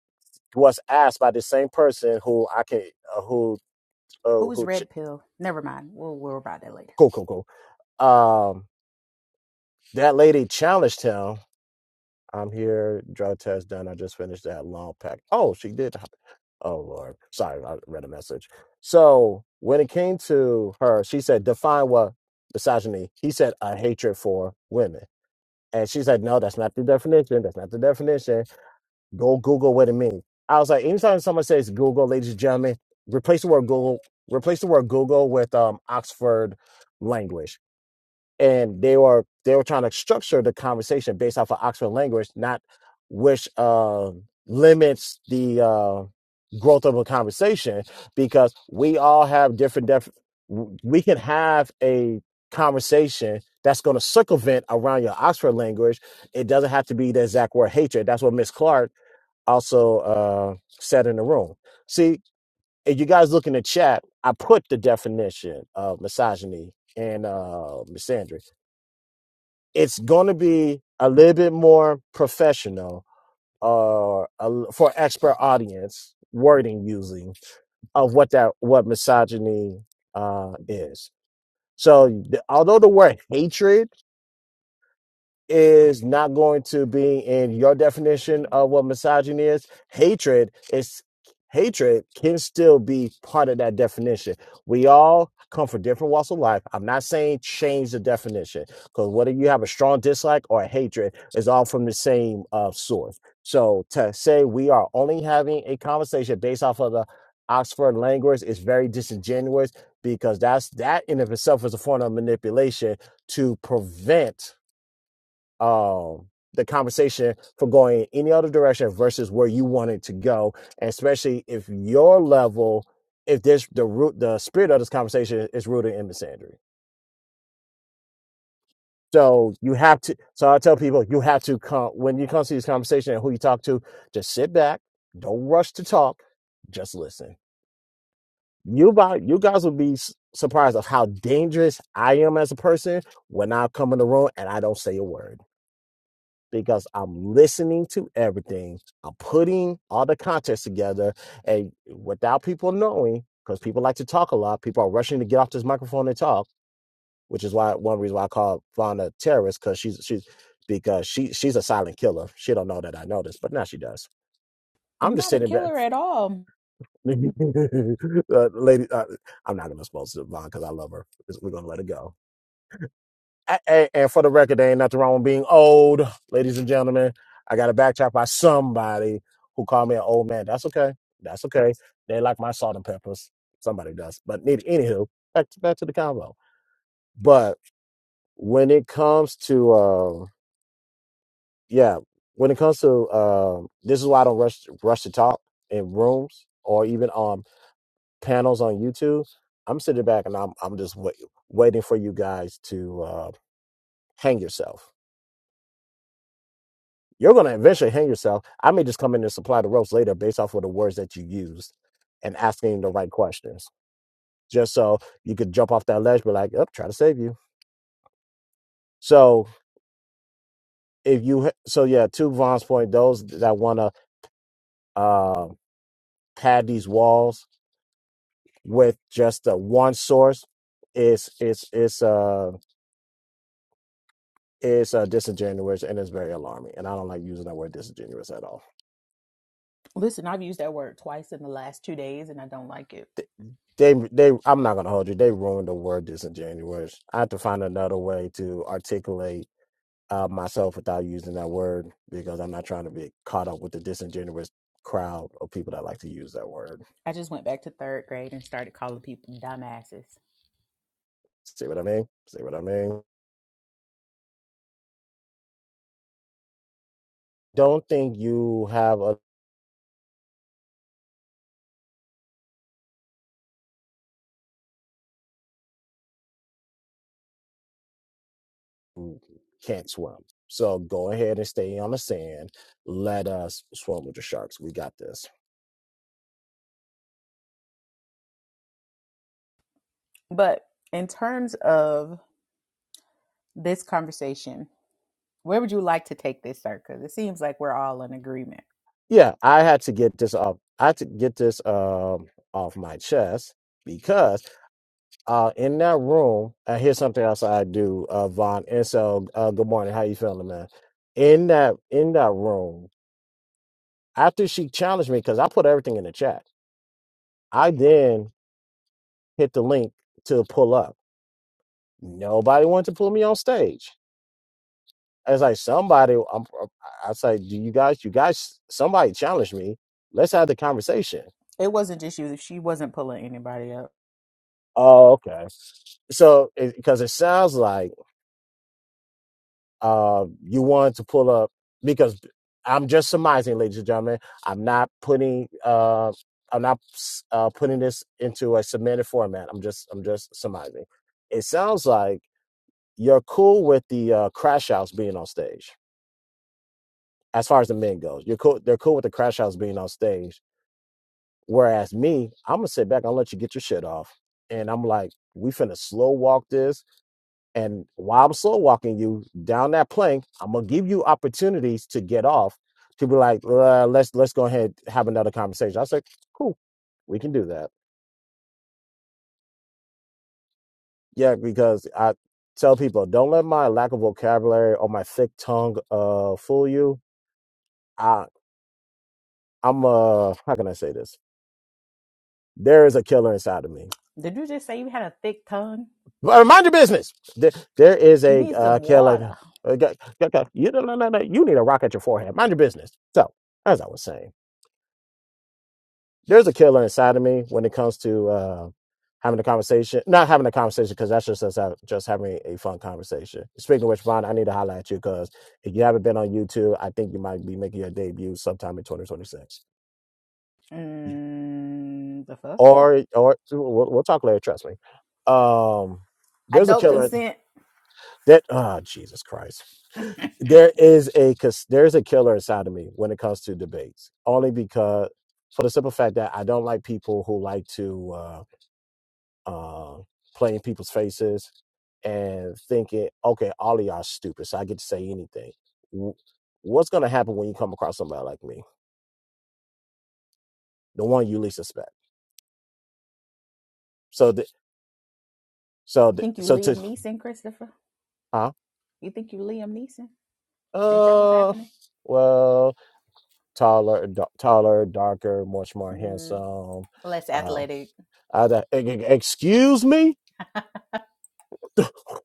was asked by the same person who I can uh, who uh, Who's who ch- red pill? Never mind. We'll worry about that later. cool cool cool um that lady challenged him I'm here. Drug test done. I just finished that long pack. Oh, she did. <laughs> Oh Lord, sorry, I read a message. So when it came to her, she said, "Define what misogyny." He said, "A hatred for women," and she said, "No, that's not the definition. That's not the definition. Go Google what it means." I was like, anytime someone says Google, ladies and gentlemen, replace the word Google, replace the word Google with um Oxford language and they were they were trying to structure the conversation based off of Oxford language, not which uh, limits the uh, growth of a conversation because we all have different def. We can have a conversation that's going to circumvent around your Oxford language. It doesn't have to be the exact word hatred. That's what Miss Clark also uh, said in the room. See, if you guys look in the chat, I put the definition of misogyny and uh, misandry it's going to be a little bit more professional or uh, a, for expert audience wording using of what that what misogyny uh, is. So th- although the word hatred is not going to be in your definition of what misogyny is. Hatred is hatred can still be part of that definition. We all come from different walks of life. I'm not saying change the definition because whether you have a strong dislike or a hatred is all from the same uh, source. So to say we are only having a conversation based off of the Oxford language is very disingenuous because that's that in of itself is a form of manipulation to prevent um the conversation for going in any other direction versus where you want it to go and especially if your level if this the root the spirit of this conversation is rooted in misandry so you have to so i tell people you have to come when you come to this conversation and who you talk to just sit back don't rush to talk just listen you about you guys will be s- surprised of how dangerous i am as a person when i come in the room and i don't say a word because I'm listening to everything. I'm putting all the context together and without people knowing, because people like to talk a lot, people are rushing to get off this microphone and talk, which is why one reason why I call Fauna a terrorist, because she's she's because she she's a silent killer. She don't know that I know this, but now she does. I'm I'm just not a sitting back, killer at all. <laughs> uh, lady. Uh, I'm not gonna expose Vaughn because I love her. We're gonna let it go A- a- and for the record, there ain't nothing wrong with being old, ladies and gentlemen. I got a back chat by somebody who called me an old man. That's okay. That's okay. They like my salt and peppers. Somebody does. But need, anywho, back to, back to the convo. But when it comes to, uh, yeah, when it comes to, uh, this is why I don't rush rush to talk in rooms or even on panels on YouTube. I'm sitting back and I'm I'm just wait, waiting for you guys to uh, hang yourself You're going to eventually hang yourself. I may just come in and supply the ropes later based off of the words that you used and asking the right questions, just so you could jump off that ledge, be like, "Up, try to save you." So if you, so yeah, to Vaughn's point, those that want to uh, pad these walls with just the one source is is is uh is uh disingenuous and is very alarming. And I don't like using that word disingenuous at all. Listen, I've used that word twice in the last two days and I don't like it. they they I'm not gonna hold you. They ruined the word disingenuous. I have to find another way to articulate uh, myself without using that word because I'm not trying to be caught up with the disingenuous crowd of people that like to use that word. I just went back to third grade and started calling people dumbasses. See what I mean? See what I mean? Don't think you have a can't swim. So go ahead and stay on the sand. Let us swim with the sharks. We got this. But in terms of this conversation, Where would you like to take this, sir? Because it seems like we're all in agreement. Yeah, I had to get this off. I had to get this um off my chest because. uh, in that room, and here's something else I do, uh, Vaughn. And so, uh, good morning. How you feeling, man? In that in that room, after she challenged me, because I put everything in the chat, I then hit the link to pull up. Nobody wanted to pull me on stage. I was like, somebody, I'm, uh, I was like, do you guys, you guys, somebody challenged me. Let's have the conversation. It wasn't just you. She wasn't pulling anybody up. Oh, okay. So, because it 'cause it sounds like uh, you wanted to pull up because I'm just surmising, ladies and gentlemen. I'm not putting uh, I'm not uh, putting this into a submitted format. I'm just I'm just surmising. It sounds like you're cool with the uh, crash house being on stage as far as the men goes. You're cool. They're cool with the crash house being on stage. Whereas me, I'm gonna sit back and let you get your shit off, and I'm like, we finna slow walk this And while I'm slow walking you down that plank, I'm gonna give you opportunities to get off. To be like, uh, let's let's go ahead and have another conversation. I said, cool, we can do that. Yeah, because I tell people, don't let my lack of vocabulary or my thick tongue uh fool you. I I'm uh how can I say this? There is a killer inside of me. Did you just say you had a thick tongue? But mind your business. There, there is You a need some uh, killer. water. Uh, g- g- g- you, no, no, no, no, you need a rock at your forehead. Mind your business. So, as I was saying. there's a killer inside of me when it comes to uh, having a conversation. Not having a conversation because that's just us hav- just having a fun conversation. Speaking of which, Ron, I need to highlight you because if you haven't been on YouTube, I think you might be making your debut sometime in 2026. Mm, the fuck? Or or we'll, we'll talk later. Trust me. Um, there's a Adult killer consent. that ah Jesus Christ. There is a cus- there's a killer inside of me when it comes to debates. Only because for the simple fact that I don't like people who like to. Uh, uh, playing people's faces and thinking, okay, all of y'all are stupid, so I get to say anything. What's going to happen when you come across somebody like me, the one you least suspect? So, the, so, You the, think you so to, Liam Neeson, Christopher? huh? You think you Liam Neeson? Is that what's Uh, happening? well, taller, da- taller, darker, much more Mm. handsome. less Uh, athletic. I, I- e- excuse me. <laughs>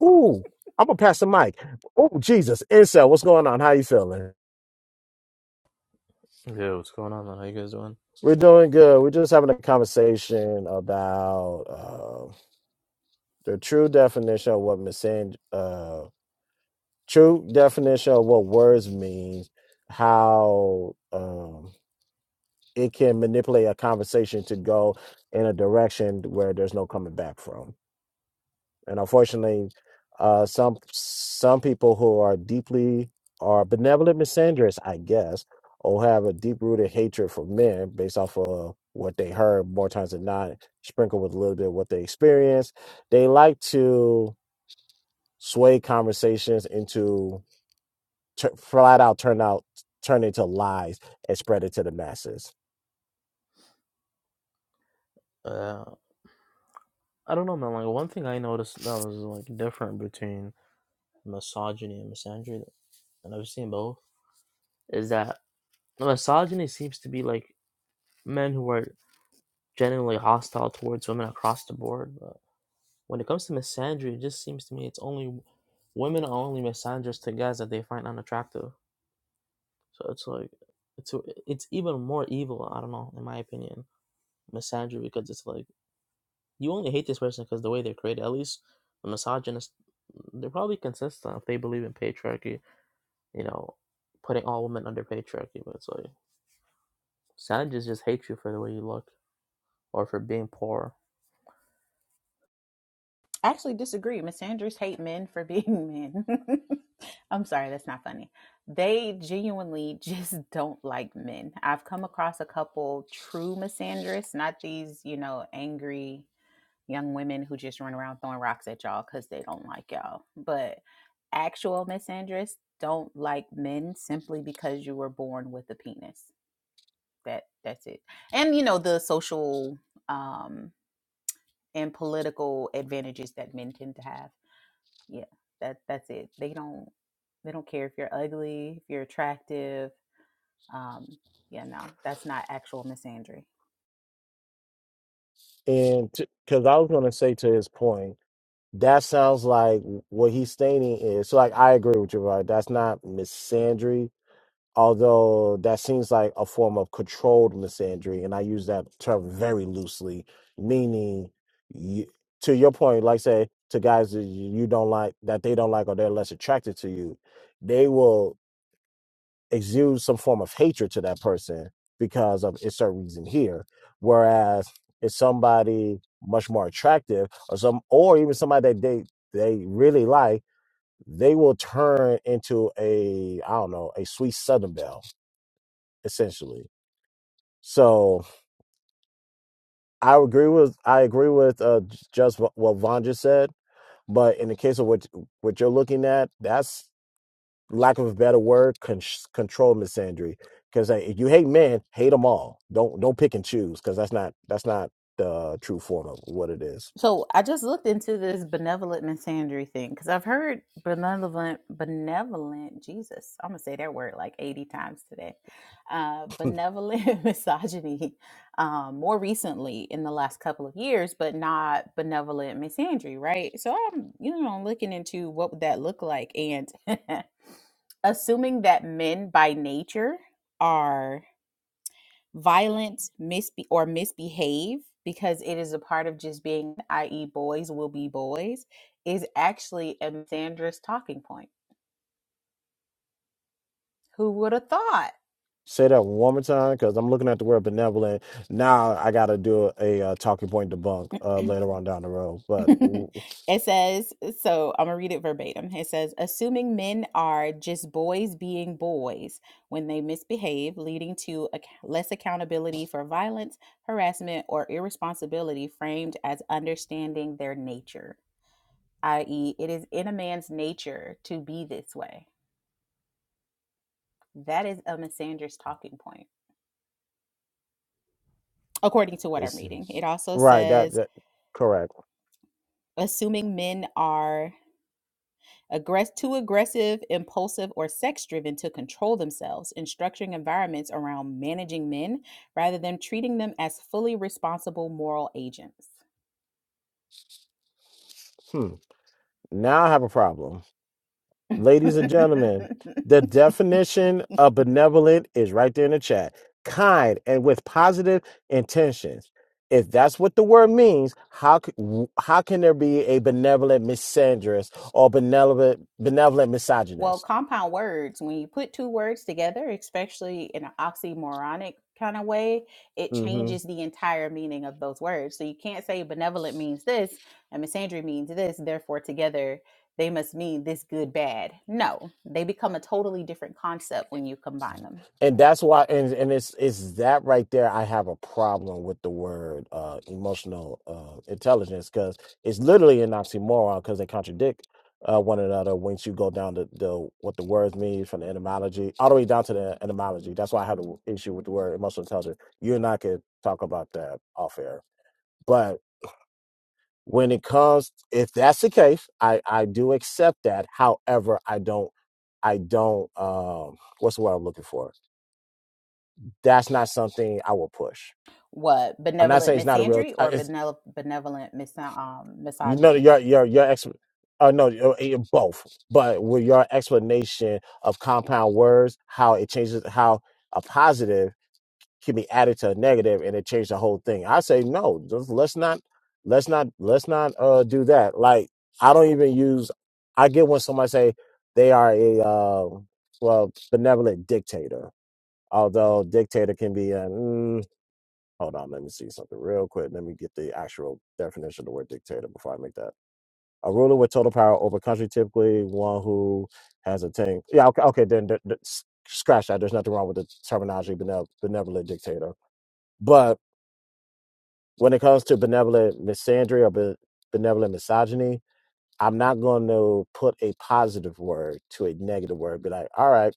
Ooh, I'm gonna pass the mic. Oh, Jesus, incel, what's going on? How you feeling? Yeah, what's going on, man? How you guys doing? We're doing good. We're just having a conversation about uh, the true definition of what missing, uh, true definition of what words mean, how um, it can manipulate a conversation to go in a direction where there's no coming back from. And unfortunately, uh, some some people who are deeply are benevolent misandrists, I guess, or have a deep rooted hatred for men based off of what they heard more times than not, sprinkled with a little bit of what they experienced. They like to sway conversations into t- flat out turn out turn into lies and spread it to the masses. Uh, I don't know, man. Like one thing I noticed that was like different between misogyny and misandry, and I've seen both, is that misogyny seems to be like men who are genuinely hostile towards women across the board. But when it comes to misandry, it just seems to me it's only women are only misandrous to guys that they find unattractive. So it's like it's it's even more evil. I don't know, in my opinion, misandry because it's like You only hate this person because the way they're created. At least the misogynists, they're probably consistent if they believe in patriarchy. You know, putting all women under patriarchy. But it's like savages just hate you for the way you look or for being poor. actually disagree. Miss Andrews hate men for being men. <laughs> I'm sorry, that's not funny. They genuinely <laughs> just don't like men. I've come across a couple true misandrists, not these, you know, angry young women who just run around throwing rocks at y'all because they don't like y'all. But actual misandrists don't like men simply because you were born with a penis. That that's it. And you know the social um, and political advantages that men tend to have. Yeah, that that's it. They don't they don't care if you're ugly, if you're attractive. Um, yeah, no, that's not actual misandry. And because I was going to say to his point That sounds like what he's stating is so. Like I agree with you, right? That's not misandry, although that seems like a form of controlled misandry, and I use that term very loosely, meaning you, to your point, like say to guys that you you don't like, that they don't like, or they're less attracted to you, they will exudes some form of hatred to that person because of a certain reason here. Whereas it's somebody much more attractive or some or even somebody that they they really like, they will turn into a I don't know, a sweet southern belle, essentially. So I agree with I agree with uh, just what, what Von just said, but in the case of what what you're looking at, that's. lack of a better word, con- control misandry. Because if you hate men, hate them all. Don't don't pick and choose because that's not that's not the true form of what it is. So I just looked into this benevolent misandry thing because I've heard benevolent, benevolent Jesus. I'm gonna say that word like 80 times today. Uh, benevolent <laughs> misogyny, um, more recently in the last couple of years, but not benevolent misandry, right? So I'm, you know, looking into what would that look like, and <laughs> assuming that men by nature are violent misbe- or misbehave because it is a part of just being i.e boys will be boys is actually a sanders talking point who would have thought Say that one more time because I'm looking at the word benevolent. Now I got to do a, uh talking point debunk uh, later on down the road, <laughs> but w- it says so i'm gonna read it verbatim it says assuming men are just boys being boys when they misbehave leading to ac- less accountability for violence harassment or irresponsibility framed as understanding their nature i.e it is in a man's nature to be this way That is a Misandrist talking point, according to what I'm it's reading. It also right that says, that correct. assuming men are aggress- too aggressive, impulsive, or sex driven to control themselves and structuring environments around managing men rather than treating them as fully responsible moral agents. Hmm. Now I have a problem. ladies and gentlemen, the definition of benevolent is right there in the chat. Kind and with positive intentions. If that's what the word means, how c- w- how can there be a benevolent misandrist or benevolent benevolent Well, misogynist? compound words, when you put two words together, especially in an oxymoronic kind of way, it Mm-hmm. changes the entire meaning of those words. So you can't say benevolent means this and misandry means this, therefore together they must mean this good, bad. No, they become a totally different concept when you combine them. and that's why and and it's it's that right there i have a problem with the word uh emotional uh intelligence because it's literally an oxymoron because they contradict uh one another once you go down to the what the words mean from the etymology all the way down to the etymology that's why i have an issue with the word emotional intelligence you and i could talk about that off air but when it comes if that's the case i i do accept that however i don't i don't um what's the word i'm looking for that's not something I will push. What I'm not saying benevolent it's not a real. misandry I- or It's benevol- benevolent mis- um, you know misogyny? your your your ex. Uh, no, uh, eh, both. But with your explanation of compound words, how it changes, how a positive can be added to a negative, and it changed the whole thing. I say no. Just, let's not. Let's not. Let's not uh, do that. Like I don't even use. I get when somebody say they are a uh, well benevolent dictator, although dictator can be a. mm, Hold on, let me see something real quick. Let me get the actual definition of the word dictator before I make that. A ruler with total power over a country, typically one who has attained. Yeah, okay, okay then, th- th- s- scratch that. There's nothing wrong with the terminology benev- benevolent dictator. But when it comes to benevolent misandry or be- benevolent misogyny, I'm not going to put a positive word to a negative word. Be like, all right,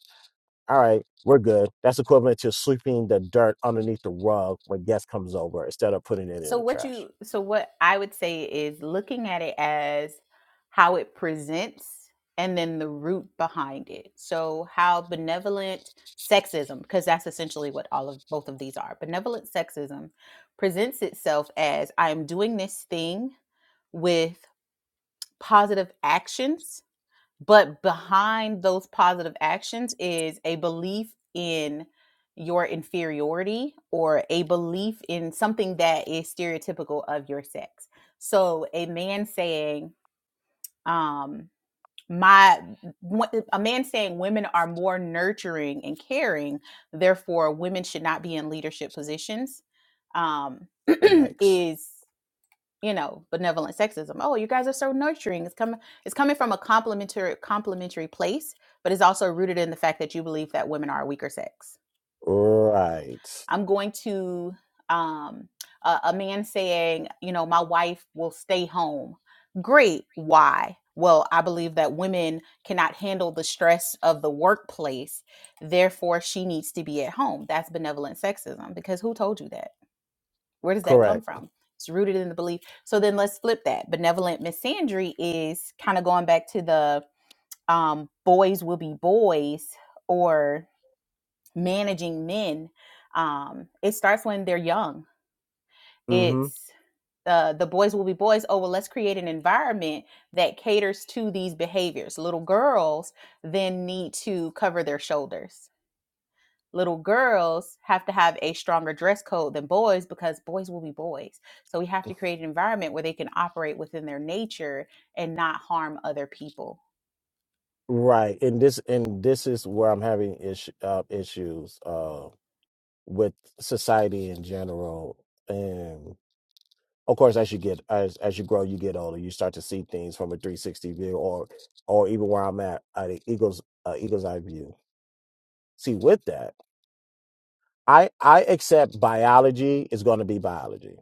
all right, we're good. That's equivalent to sweeping the dirt underneath the rug when guest comes over instead of putting it in So the what trash. you so what I would say is looking at it as how it presents and then the root behind it. So how benevolent sexism because that's essentially what all of both of these are. Benevolent sexism presents itself as I am doing this thing with positive actions but behind those positive actions is a belief in your inferiority or a belief in something that is stereotypical of your sex. So a man saying, um, my a man saying women are more nurturing and caring, therefore women should not be in leadership positions, um, <clears throat> Yikes. is you know, benevolent sexism. Oh, you guys are so nurturing. It's coming it's coming from a complimentary complimentary place, but it's also rooted in the fact that you believe that women are a weaker sex. Right. I'm going to um a, a man saying, you know, my wife will stay home. Great. Why? Well, I believe that women cannot handle the stress of the workplace. Therefore, she needs to be at home. That's benevolent sexism because who told you that? Where does that come Correct. from? It's rooted in the belief. So then let's flip that. Benevolent Miss Sandry is kind of going back to the um, boys will be boys or managing men. Um, it starts when they're young. Mm-hmm. It's uh, the boys will be boys. Oh, well, let's create an environment that caters to these behaviors. Little girls then need to cover their shoulders little girls have to have a stronger dress code than boys because boys will be boys. So we have to create an environment where they can operate within their nature and not harm other people. Right. And this and this is where I'm having issue, uh, issues uh, with society in general. And of course, as you get as as you grow, you get older, you start to see things from a 360 view, or or even where I'm at, uh, the eagle's uh, eagle's eye view. See, with that, I I accept biology is going to be biology.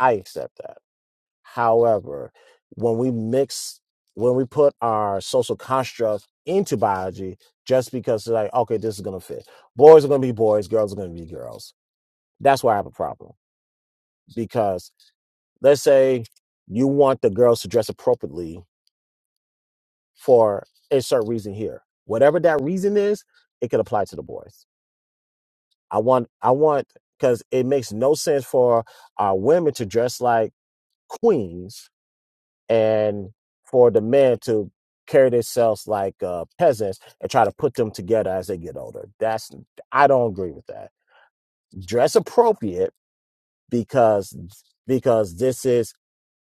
I accept that However, when we mix, when we put our social construct into biology, just because it's like, okay, this is going to fit. Boys are going to be boys, girls are going to be girls. That's why I have a problem. Because let's say you want the girls to dress appropriately for a certain reason here. Whatever that reason is, it could apply to the boys. I want, I want, because it makes no sense for our women to dress like queens and for the men to carry themselves like uh, peasants and try to put them together as they get older. That's I don't agree with that. Dress appropriate because because this is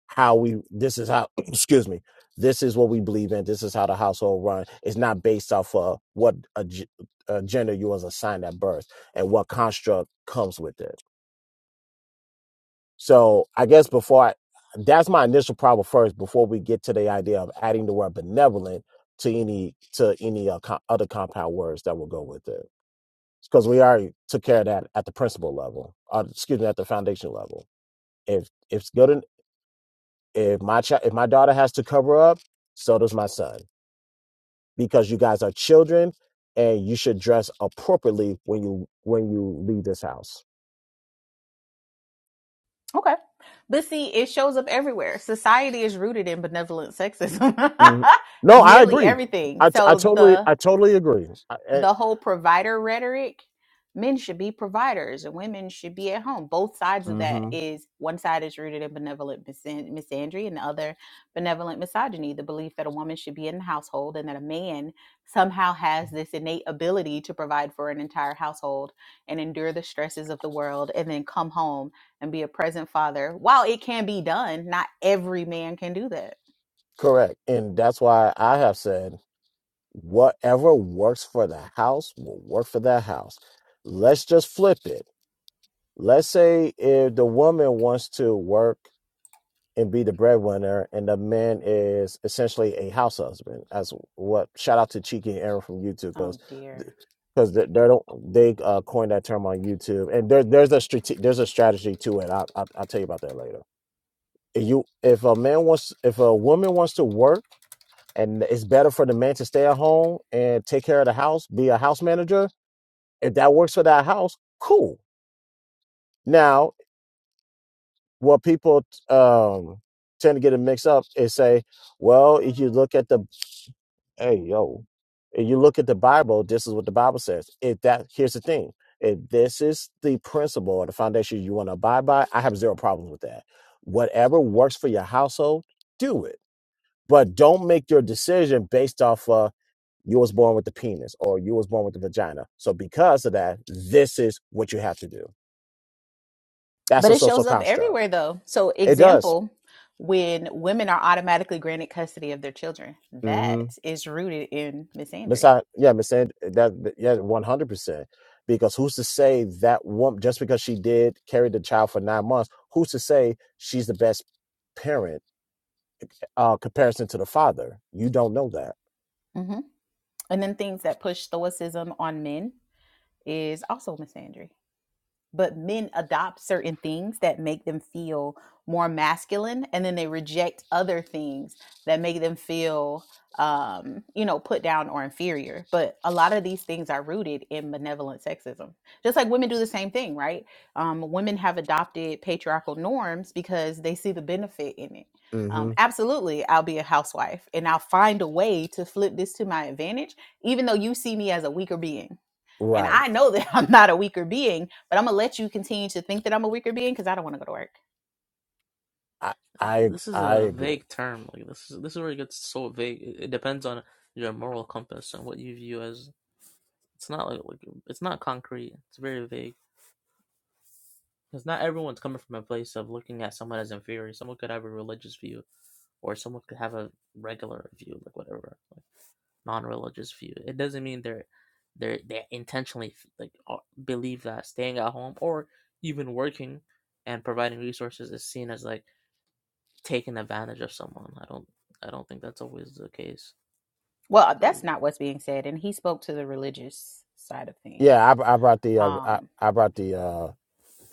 how we this is how <clears throat> excuse me this is what we believe in. This is how the household run. It's not based off of what a, a gender you was assigned at birth and what construct comes with it So I guess before I, that's my initial problem first. Before we get to the idea of adding the word benevolent to any to any uh, co- other compound words that will go with it, because we already took care of that at the principal level, or excuse me, at the foundation level. If if it's good, en- if my child, if my daughter has to cover up, so does my son, because you guys are children, and you should dress appropriately when you when you leave this house. Okay. But see, it shows up everywhere. Society is rooted in benevolent sexism. Mhm. <laughs> No, I Nearly agree. everything. I, t- I So totally the I totally agree. the whole provider rhetoric men should be providers and women should be at home both sides of that hmm is one side is rooted in benevolent misan- misandry and the other benevolent misogyny the belief that a woman should be in the household and that a man somehow has this innate ability to provide for an entire household and endure the stresses of the world and then come home and be a present father while it can be done not every man can do that Correct. And that's why I have said whatever works for the house will work for that house. Let's just flip it. Let's say if the woman wants to work and be the breadwinner and the man is essentially a house husband. That's what shout out to Cheeky and Aaron from YouTube oh because dear because they, they don't they uh, coined that term on YouTube and there, there's a strate- there's a strategy to it. I, I I'll tell you about that later. If you if a man wants if a woman wants to work and it's better for the man to stay at home and take care of the house, be a house manager. If that works for that house, cool. Now, what people um, tend to get it mixed up is say, well, if you look at the, hey, yo, if you look at the Bible, this is what the Bible says. If that, here's the thing. If this is the principle or the foundation you want to abide by, I have zero problems with that. Whatever works for your household, do it. But don't make your decision based off of You was born with the penis or you was born with the vagina. So because of that, this is what you have to do. That's But a it social shows up construct. everywhere though. So It does. example, when women are automatically granted custody of their children, Mm-hmm. that is rooted in misandry. Besides, yeah, Miss Sand, that yeah, one hundred percent. Because who's to say that woman just because she did carry the child for nine months, who's to say she's the best parent uh comparison to the father? You don't know that. hmm And then things that push stoicism on men is also misandry. but men adopt certain things that make them feel more masculine and then they reject other things that make them feel um you know put down or inferior but a lot of these things are rooted in benevolent sexism just like women do the same thing right um women have adopted patriarchal norms because they see the benefit in it um, Mm-hmm. absolutely i'll be a housewife and i'll find a way to flip this to my advantage even though you see me as a weaker being and Right. I know that <laughs> I'm not a weaker being, but I'm going to let you continue to think that I'm a weaker being because I don't want to go to work. I I This is I a agree. vague term. Like this is this is where it gets so vague. It depends on your moral compass and what you view as. It's not like, like it's not concrete. It's very vague because not everyone's coming from a place of looking at someone as inferior. Someone could have a religious view or someone could have a regular view, like whatever, like non-religious view. It doesn't mean they're they're they intentionally like believe that staying at home or even working and providing resources is seen as like taking advantage of someone. I don't I don't think that's always the case. It's Well, very that's not what's being said. And he spoke to the religious side of things. Yeah, I, I brought the uh, I, Um, I brought the uh,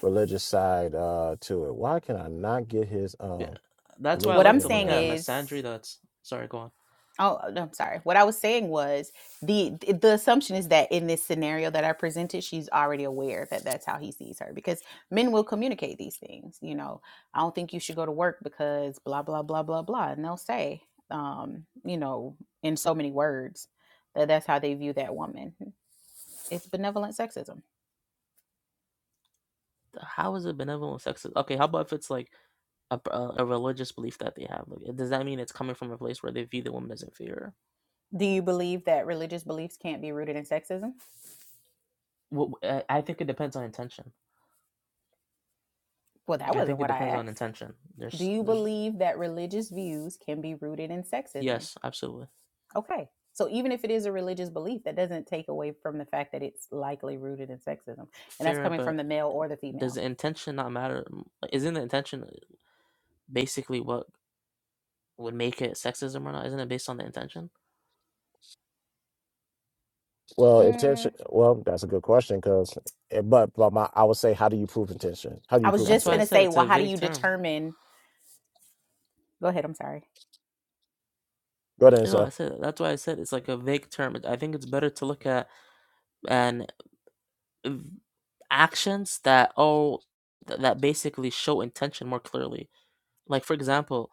religious side uh to it. Why can I not get his yeah. um That's why I link what I'm like to in look saying here? at is misandry. That's sorry, go on. Oh, uh, no, I'm sorry. What I was saying was the the assumption is that in this scenario that I presented, she's already aware that that's how he sees her because men will communicate these things. You know, I don't think you should go to work because blah blah blah blah blah, and they'll say, um, you know, in so many words that that's how they view that woman. It's benevolent sexism. How is it benevolent sexist? Okay, how about if it's like a, a religious belief that they have? Like, does that mean it's coming from a place where they view the woman as inferior? Do you believe that religious beliefs can't be rooted in sexism? Well, I I think it depends on intention. Well, that I wasn't think it what I depends on asked. intention. Do There's, you there's, believe that religious views can be rooted in sexism? yes, absolutely Okay. So even if it is a religious belief, that doesn't take away from the fact that it's likely rooted in sexism. And that's fair, coming from but the male or the does female. the intention not matter? M- Isn't the intention basically what would make it sexism or not? Isn't it based on the intention? Well, intention. Mm, Well, that's a good question because, but but my I would say, how do you prove intention? How do I you was prove That's just why I going to intent? said say, it's well, a how do vague you term. determine? Go ahead. I'm sorry. Go ahead and No, say, I said that's why I said it's like a vague term. I think it's better to look at and v- actions that oh th- that basically show intention more clearly Like for example,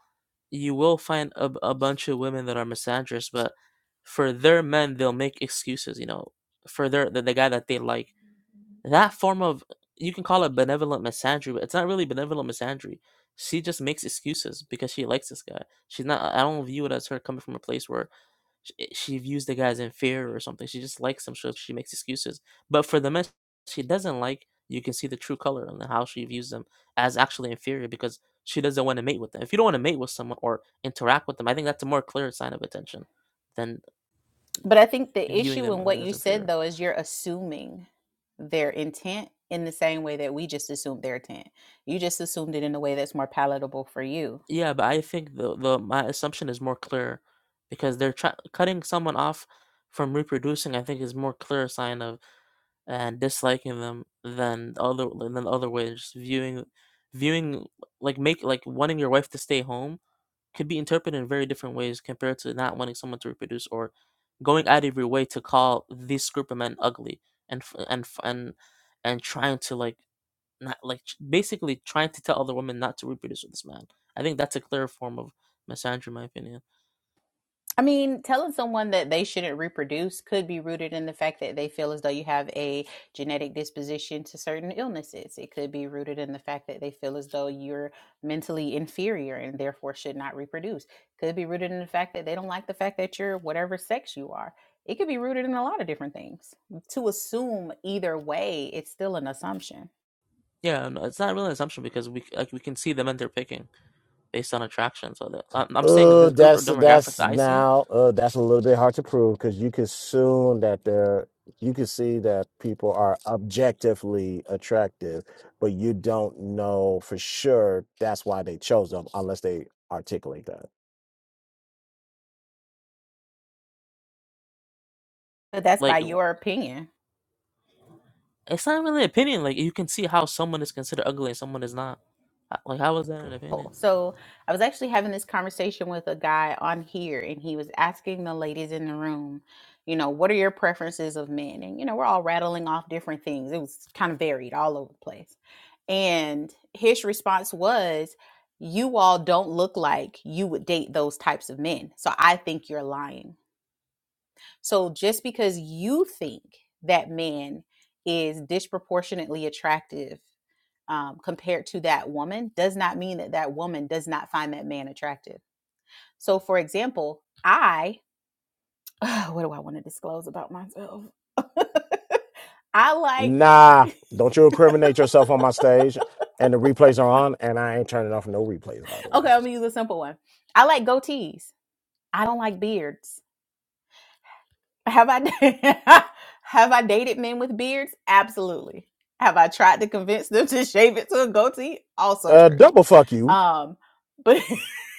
you will find a a bunch of women that are misandrous, but for their men, they'll make excuses. You know, for their the, the guy that they like. That form of you can call it benevolent misandry, but it's not really benevolent misandry. She just makes excuses because she likes this guy. She's not. I don't view it as her coming from a place where Sh eh, she views the guy as inferior or something, she just likes him, so she makes excuses. But for the men she doesn't like, you can see the true color and how she views them as actually inferior because she doesn't wanna mate with them. If you don't wanna mate with someone or interact with them, I think that's a more clear sign of attention than But I think the viewing issue them in as what you as said, inferior. though, is you're assuming their intent in the same way that we just assumed their intent. You just assumed it in a way that's more palatable for you. Yeah, but I think the the my assumption is more clear because they're try cutting someone off from reproducing, I think, is more clear sign of and disliking them than the other than the other way. Just viewing, viewing like make like wanting your wife to stay home could be interpreted in very different ways compared to not wanting someone to reproduce or going out of your way to call this group of men ugly and f- and f- and and trying to like not like ch- basically trying to tell other women not to reproduce with this man. I think that's a clear form of misandry, in my opinion. I mean, telling someone that they shouldn't reproduce could be rooted in the fact that they feel as though you have a genetic disposition to certain illnesses. It could be rooted in the fact that they feel as though you're mentally inferior and therefore should not reproduce. Could be rooted in the fact that they don't like the fact that you're whatever sex you are. It could be rooted in a lot of different things. To assume either way, it's still an assumption. Yeah, no, it's not really an assumption because we c- like we can see the men they're picking. based on attraction. So that, I'm, I'm saying uh, this group or that's demographic that's that I seen, now uh that's a little bit hard to prove because you could assume that they're you can see that people are objectively attractive, but you don't know for sure that's why they chose them unless they articulate that. But that's like by your opinion. it's not really an opinion. Like you can see how someone is considered ugly and someone is not. H- Like how is that an opinion? people. So I was actually having this conversation with a guy on here, and he was asking the ladies in the room, you know, what are your preferences of men? And, you know, we're all rattling off different things. It was kind of varied all over the place. And his response was, you all don't look like you would date those types of men. So I think you're lying. So just because you think that man is disproportionately attractive um, compared to that woman does not mean that that woman does not find that man attractive. So, for example, I, <sighs> uh, what do I want to disclose about myself? <laughs> I like, Nah, don't you incriminate yourself on my stage. And the replays are on, and I ain't turning off no replays, by the way. okay, I'm gonna use a simple one. I like goatees. I don't like beards. Have I <laughs> have I dated men with beards? Absolutely. Have I tried to convince them to shave it to a goatee? Also Uh, true. double fuck you. Um, but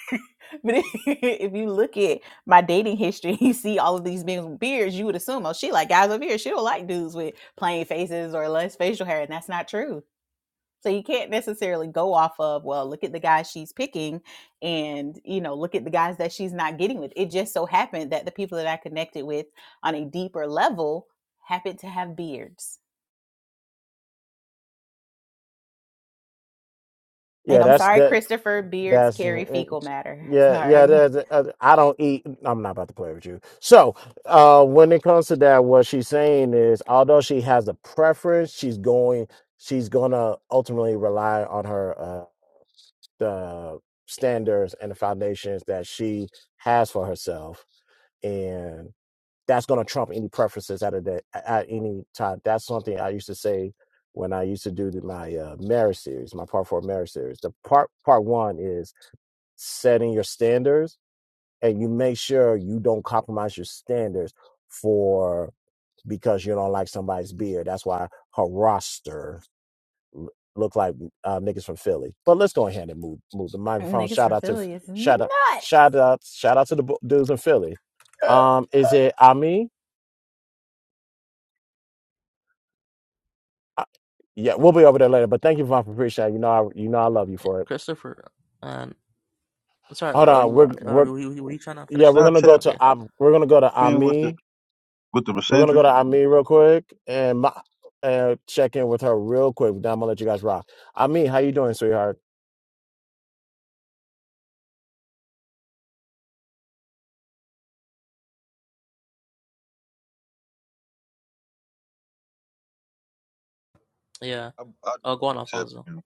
<laughs> but if if you look at my dating history, you see all of these men with beards, you would assume, oh, she like guys with beards. She don't like dudes with plain faces or less facial hair, and that's not true. So you can't necessarily go off of, well, look at the guys she's picking and, you know, look at the guys that she's not getting with. It just so happened that the people that I connected with on a deeper level happened to have beards. And Yeah, I'm that's sorry, that. Christopher, beards That's carry mm, fecal mm, matter. <laughs> yeah, yeah. Sorry. That, uh, I don't eat. I'm not about to play with you. So, uh, when it comes to that, what she's saying is, although she has a preference, she's going, she's gonna ultimately rely on her uh the standards and the foundations that she has for herself, that's going to trump any preferences at, a day, at any time. That's something I used to say when I used to do the- my uh, marriage series, my part four marriage series. The part part one is setting your standards, and you make sure you don't compromise your standards for because you don't like somebody's beard. That's why her roster look like uh, niggas from Philly. But let's go ahead and move move the microphone. Niggas Shout from out to Philly is shout out nuts. shout out shout out to the dudes in Philly. Um, is it Ami? Yeah, we'll be over there later. But thank you, Vaughn, for appreciate. it. You know, I you know I love you for it. Christopher, uh, and Sorry, Hold were on, you we're are are- we're were you, were you trying to yeah, finish we're Can I the? gonna go tap Okay, to um, we're gonna go to in with the Ami. with the We're gonna go misandry? to Ami real quick and my, and check in with her real quick. Then I'm gonna let you guys rock. Ami, how you doing, sweetheart? yeah. I, I Uh, go on, tap Alfonso. in.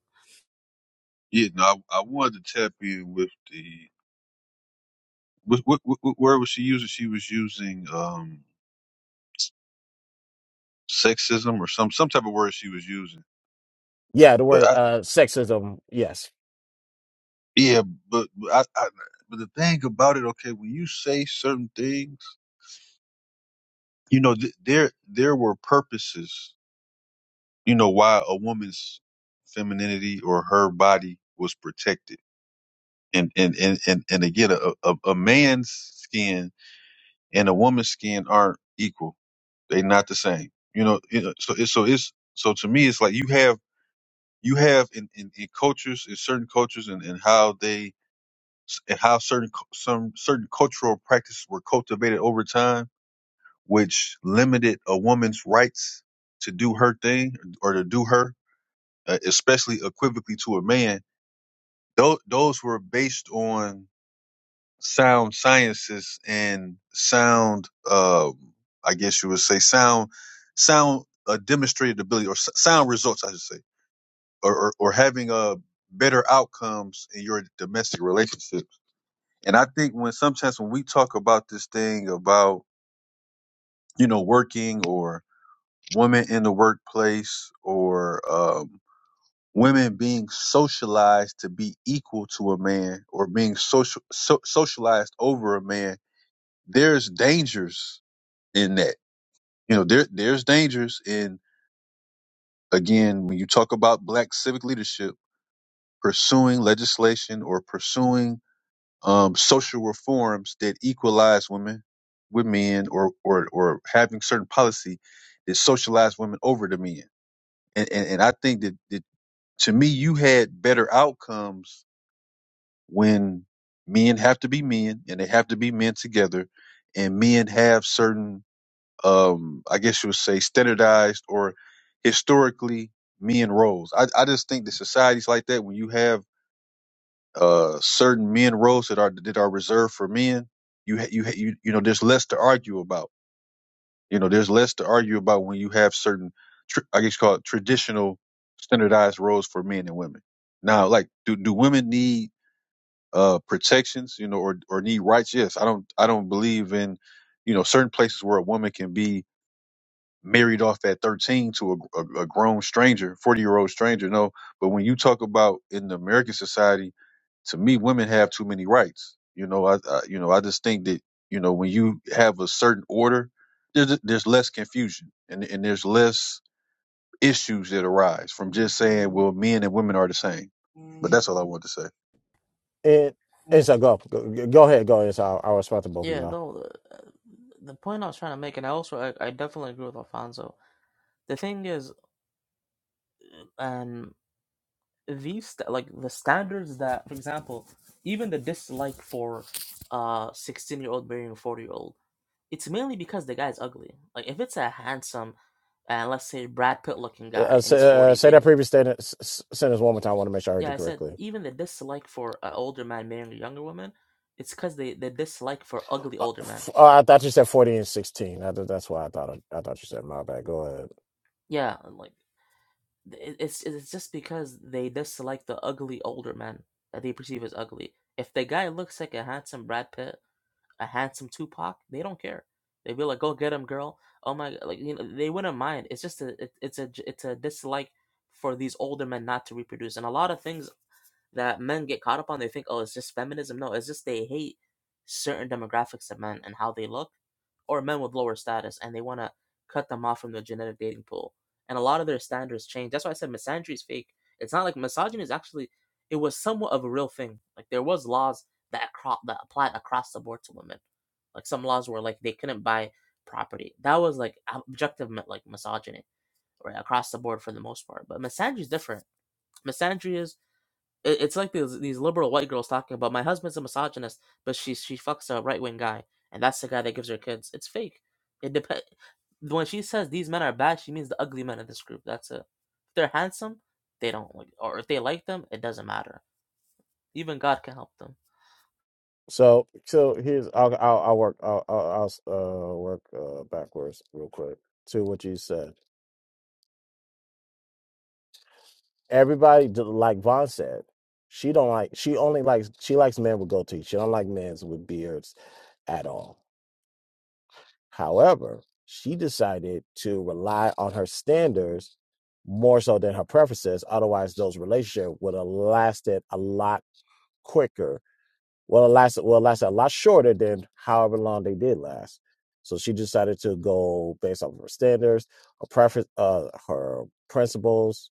Yeah, no, I, I wanted to tap in with the. What, what, what, what word was she using? She was using um, sexism or some some type of word she was using. Yeah, the But word I, uh sexism. Yes, yeah, but, but I, I but the thing about it, okay, when you say certain things, you know, th- there there were purposes, you know, why a woman's femininity or her body was protected, and and and and, and again, a, a a man's skin and a woman's skin aren't equal; they're not the same. You know, you know, so it's so it's so to me, it's like you have you have in, in, in cultures, in certain cultures, and, and how they, and how certain cu- some certain cultural practices were cultivated over time, which limited a woman's rights to do her thing or to do her, uh, especially equivocally to a man. Those those were based on sound sciences and sound, um, I guess you would say sound, sound uh, demonstrated ability or s- sound results, I should say or, or, or having a better outcomes in your domestic relationships. And I think when sometimes when we talk about this thing about you know working or women in the workplace or um, women being socialized to be equal to a man or being social so, socialized over a man, there's dangers in that. You know, there there's dangers in again when you talk about black civic leadership pursuing legislation or pursuing um, social reforms that equalize women with men or, or, or having certain policy that socialize women over the men. And, and, and I think that, that to me, you had better outcomes when men have to be men and they have to be men together and men have certain, um, I guess you would say standardized or historically men roles. I, I just think that societies like that, when you have uh, certain men roles that are that are reserved for men, you ha- you ha- you you know there's less to argue about. You know there's less to argue about when you have certain tr I guess called traditional standardized roles for men and women. Now, like, do do women need uh protections? You know, or or need rights? Yes, I don't I don't believe in you know certain places where a woman can be married off at 13 to a, a, a grown stranger 40 year old stranger no but when you talk about in the american society to me, women have too many rights. You know, I, I you know I just think that you know when you have a certain order, there's there's less confusion and and there's less issues that arise from just saying, well, men and women are the same. But that's all I want to say. and and so go go, go ahead, go. ahead. so I'll, I'll respond to both of Yeah, y'all. no. The, the point I was trying to make, and I also I, I definitely agree with Alfonso. The thing is, and um, these like the standards that, for example, even the dislike for, uh, sixteen year old marrying a forty year old, it's mainly because the guy's ugly. Like if it's a handsome, and uh, let's say Brad Pitt looking Uh, guy, uh, and he's say, uh, forty say dating that previous statement, s- s- sentence one more time. I want to make sure I heard Yeah, you I said correctly. even the dislike for an older man marrying a younger woman, it's because they they dislike for ugly Uh, older men. f- uh, I thought you said forty and sixteen. I, thought- that's why I thought I, I thought you said my bad. Go ahead. Yeah, and, like it- it's it's just because they dislike the ugly older men that they perceive as ugly. If the guy looks like a handsome Brad Pitt, a handsome Tupac, they don't care. They'd be like, "Go get him, girl." Oh my, g- like you know, they wouldn't mind. It's just a it, it's a j- it's a dislike for these older men not to reproduce, and a lot of things that men get caught up on. They think, oh, it's just feminism. No, it's just they hate certain demographics of men and how they look, or men with lower status, and they want to cut them off from the genetic dating pool. And a lot of their standards change. That's why I said misandry is fake. It's not like misogyny is actually. It was somewhat of a real thing. Like there was laws that acro- that applied across the board to women. Like some laws were like they couldn't buy property. That was like objective like misogyny, right across the board for the most part. But misandry is different. Misandry is it, it's like these these liberal white girls talking about my husband's a misogynist, but she she fucks a right wing guy, and that's the guy that gives her kids. It's fake. It depends. When she says these men are bad, she means the ugly men in this group. That's it. If they're handsome, they don't like, or if they like them, it doesn't matter. Even God can help them. So, so here's I'll I'll, I'll work I'll, I'll I'll, uh work uh backwards real quick to what you said. Everybody, d- like Vaughn said, she don't like she only likes she likes men with goatees. She don't like men with beards at all. However, she decided to rely on her standards more so than her preferences. Otherwise, those relationships would have lasted a lot quicker Well, it lasted. Well, it lasted a lot shorter than however long they did last. So she decided to go based off of her standards, her preference, uh, her principles,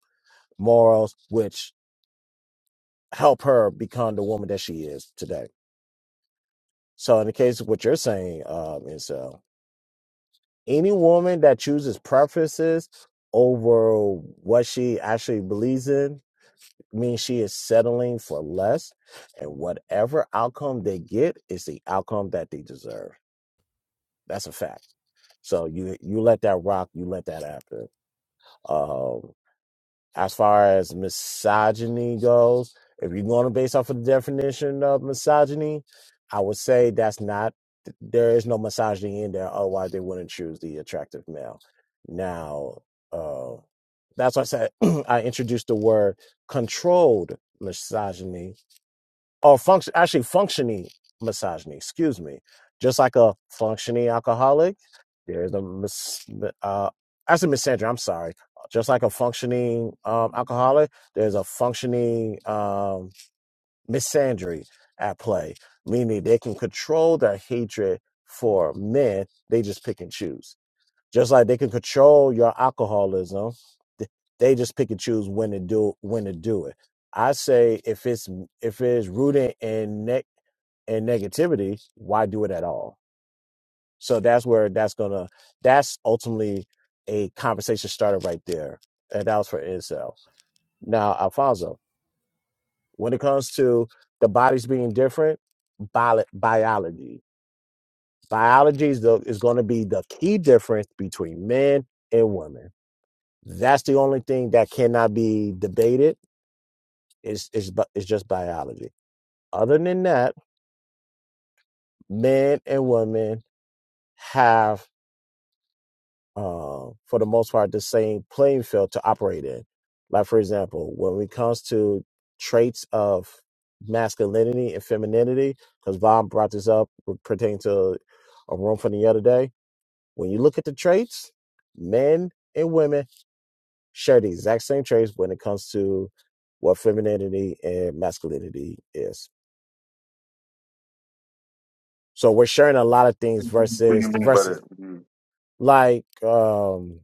morals, which help her become the woman that she is today. So, in the case of what you're saying, um, is uh, any woman that chooses preferences over what she actually believes in means she is settling for less, and whatever outcome they get is the outcome that they deserve. That's a fact. So you you let that rock, you let that happen. Um, as far as misogyny goes, if you're going to base off of the definition of misogyny, I would say that's not there is no misogyny in there. Otherwise, they wouldn't choose the attractive male. Now, uh, that's why I said <clears throat> I introduced the word controlled misogyny or function actually functioning misogyny excuse me just like a functioning alcoholic there's a mis- uh actually miss sandra i'm sorry just like a functioning um, alcoholic there's a functioning um, misandry at play meaning they can control their hatred for men they just pick and choose just like they can control your alcoholism, th- they just pick and choose when to do when to do it. I say if it's if it's rooted in ne- in negativity, why do it at all? So that's where that's gonna that's ultimately a conversation started right there, and that was for incel. Now, Alfonso, when it comes to the bodies being different, bio- biology, biology is, the, is going to be the key difference between men and women That's the only thing that cannot be debated. It's it's bu- it's just biology. Other than that, men and women have, uh, for the most part, the same playing field to operate in. Like for example, when it comes to traits of masculinity and femininity, because Von brought this up pertaining to a room from the other day. When you look at the traits, men and women share the exact same traits when it comes to what femininity and masculinity is. So we're sharing a lot of things What do you versus the mean by that? versus Mhm. like um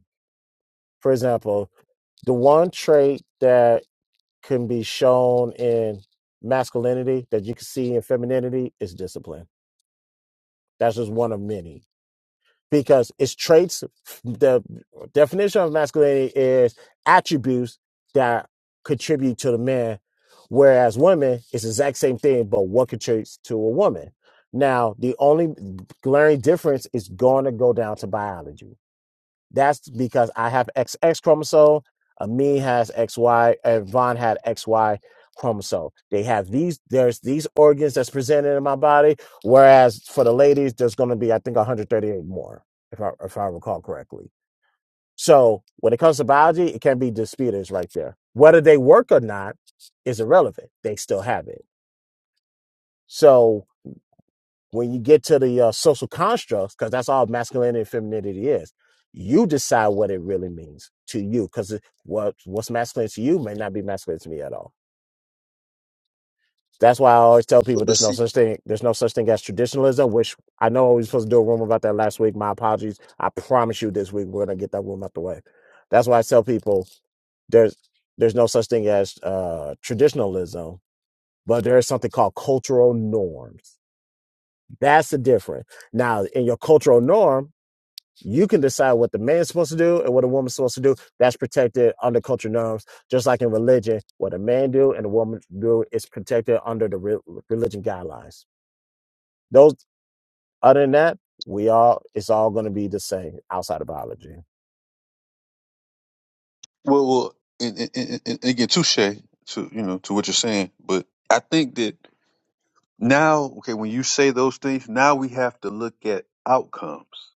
for example, the one trait that can be shown in masculinity that you can see in femininity is discipline. That's just one of many because it's traits. The definition of masculinity is attributes that contribute to the man, whereas women is the exact same thing, but what contributes to a woman. Now, the only glaring difference is going to go down to biology that's because I have XX chromosome, Amin has XY, and Von had XY chromosome. They have these, there's these organs that's presented in my body, whereas for the ladies, there's going to be, I think, 138 more, if I, if I recall correctly. So when it comes to biology, it can be disputed right there. Whether they work or not is irrelevant. They still have it. So when you get to the uh, social constructs, because that's all masculinity and femininity is, you decide what it really means to you. Because what what's masculine to you may not be masculine to me at all. That's why I always tell people But, but there's no see, such thing there's no such thing as traditionalism. Which I know we were supposed to do a room about that last week. My apologies. I promise you this week we're gonna get that room out the way. That's why I tell people there's there's no such thing as uh, traditionalism, but there is something called cultural norms. That's the difference. Now, in your cultural norm, You can decide what the man's supposed to do and what a woman's supposed to do. That's protected under cultural norms, just like in religion, what a man do and a woman do is protected under the re- religion guidelines. Those other than that, we all it's all going to be the same outside of biology. well, well, and, and, and, and again, touche to you know to what you're saying, but I think that now, okay, when you say those things, now we have to look at outcomes.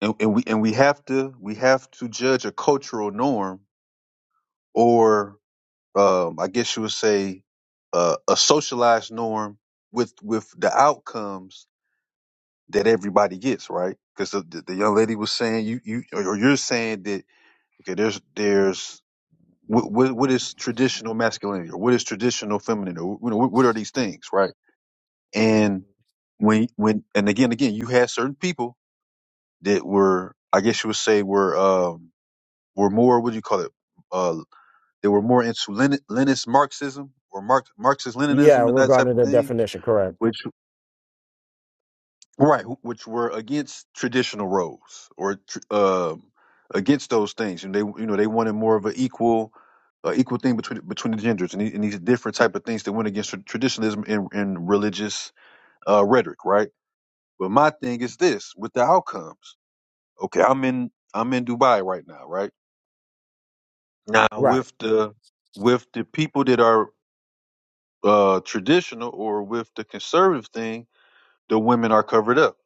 and, and we and we have to we have to judge a cultural norm or um, I guess you would say uh, a socialized norm with with the outcomes that everybody gets right because the, the the young lady was saying you you or you're saying that okay there's there's what what, what is traditional masculinity or what is traditional femininity or you know, what, what are these things right and when when and again again you had certain people that were I guess you would say were um, were more what do you call it? Uh, they were more into Lenin, Leninist Marxism or Marx, Marxist Yeah, Leninism and that type regarding the of thing, definition, correct. which right, wh- which were against traditional roles or tr- um against those things, and they you know they wanted more of an equal. Uh, equal thing between between the genders and, the- and these different type of things that went against tra- traditionalism and, and religious uh, rhetoric, right? But my thing is this: with the outcomes, okay, I'm in I'm in Dubai right now, right? Now Right. with the with the people that are uh, traditional or with the conservative thing, the women are covered up,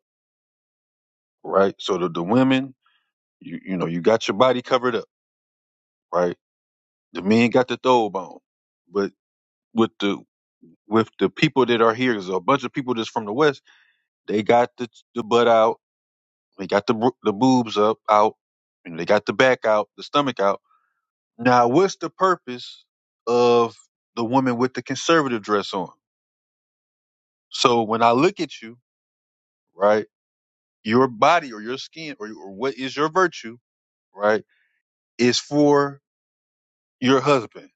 right? So the, the women, you you know, you got your body covered up, right? The men got the throw bone, but with the with the people that are here, there's a bunch of people that's from the west. They got the the butt out, they got the bro- the boobs up out, and they got the back out, the stomach out. Now, what's the purpose of the woman with the conservative dress on? So when I look at you, right? your body or your skin or, or what is your virtue, right, is for your husband.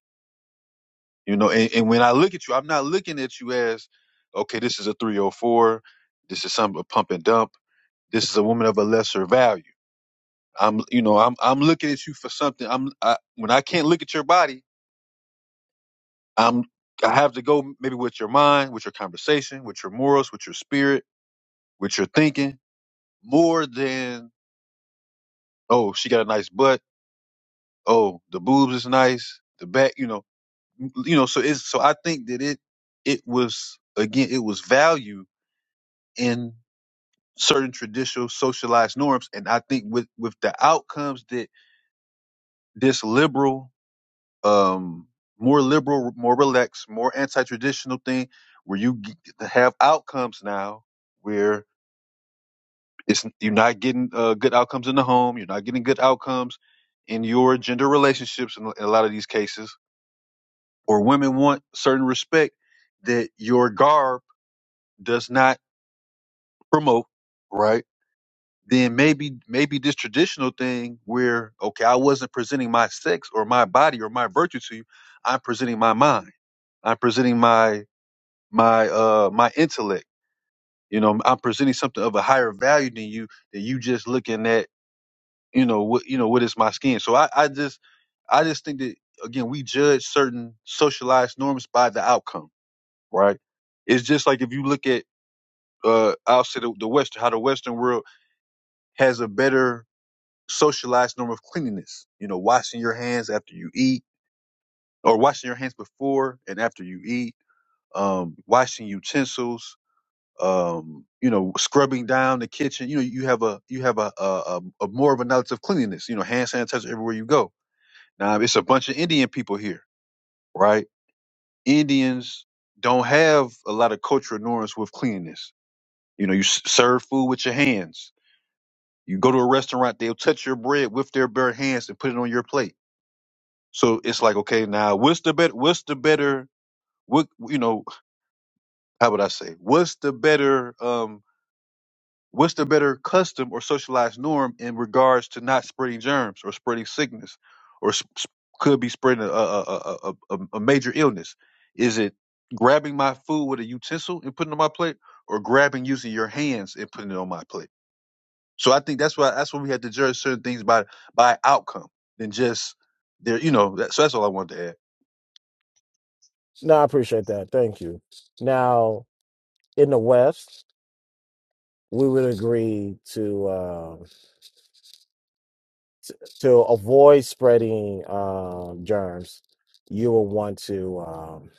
You know, and, and when I look at you, I'm not looking at you as, okay, this is a 304, this is some a pump and dump, this is a woman of a lesser value. I'm, you know, I'm I'm looking at you for something. I'm I, when I can't look at your body, I'm I have to go maybe with your mind, with your conversation, with your morals, with your spirit, with your thinking, more than oh she got a nice butt, oh the boobs is nice, the back, you know you know so it's so i think that it it was again it was value in certain traditional socialized norms and i think with with the outcomes that this liberal um more liberal more relaxed more anti-traditional thing where you g- have outcomes now where it's you're not getting uh, good outcomes in the home you're not getting good outcomes in your gender relationships in, in a lot of these cases or women want certain respect that your garb does not promote, right? Then maybe maybe this traditional thing where okay, I wasn't presenting my sex or my body or my virtue to you. I'm presenting my mind. I'm presenting my my uh my intellect. You know, I'm presenting something of a higher value than you That you just looking at, you know, what you know, what is my skin. So I, I just I just think that again, we judge certain socialized norms by the outcome, right? It's just like if you look at uh I'll say the, the Western how the Western world has a better socialized norm of cleanliness. You know, washing your hands after you eat, or washing your hands before and after you eat, um, washing utensils, um, you know, scrubbing down the kitchen. You know, you have a you have a a, a, a more of a knowledge of cleanliness. You know, hand sanitizer everywhere you go. Now, it's a bunch of Indian people here, right? Indians don't have a lot of cultural norms with cleanliness. You know, you s- serve food with your hands. You go to a restaurant, they'll touch your bread with their bare hands and put it on your plate So it's like, okay, now what's the better? What's the better? What you know? How would I say? What's the better? Um, what's the better custom or socialized norm in regards to not spreading germs or spreading sickness, or sp- sp- could be spreading a a, a, a, a a major illness? Is it grabbing my food with a utensil and putting it on my plate, or grabbing using your hands and putting it on my plate? So I think that's why that's why we had to judge certain things by by outcome than just there. You know, that, so that's all I wanted to add. No, I appreciate that. Thank you. Now, in the West, we would agree to uh, to avoid spreading uh, germs. You will want to. Um,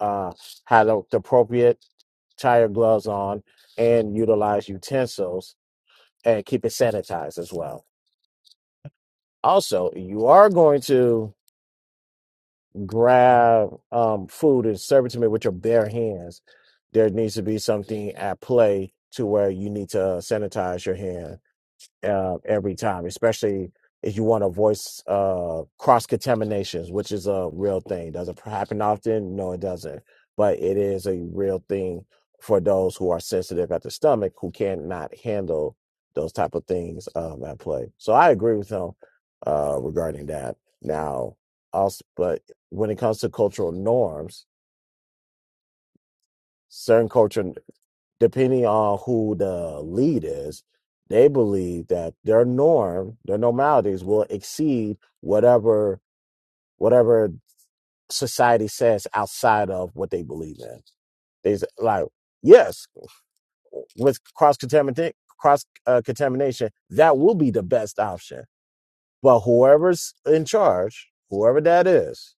uh, had a- the appropriate tire gloves on and utilize utensils and keep it sanitized as well. Also, you are going to grab um, food and serve it to me with your bare hands. There needs to be something at play to where you need to sanitize your hands uh, every time, especially if you want to voice uh, cross contaminations, which is a real thing. Does it happen often? No, it doesn't. But it is a real thing for those who are sensitive at the stomach who cannot handle those type of things um, at play. So I agree with him uh, regarding that. Now, also, but when it comes to cultural norms, certain culture depending on who the lead is, they believe that their norm, their normalities will exceed whatever whatever society says outside of what they believe in. They s- like, yes, with cross contamination, cross uh, contamination, that will be the best option. But whoever's in charge, whoever that is,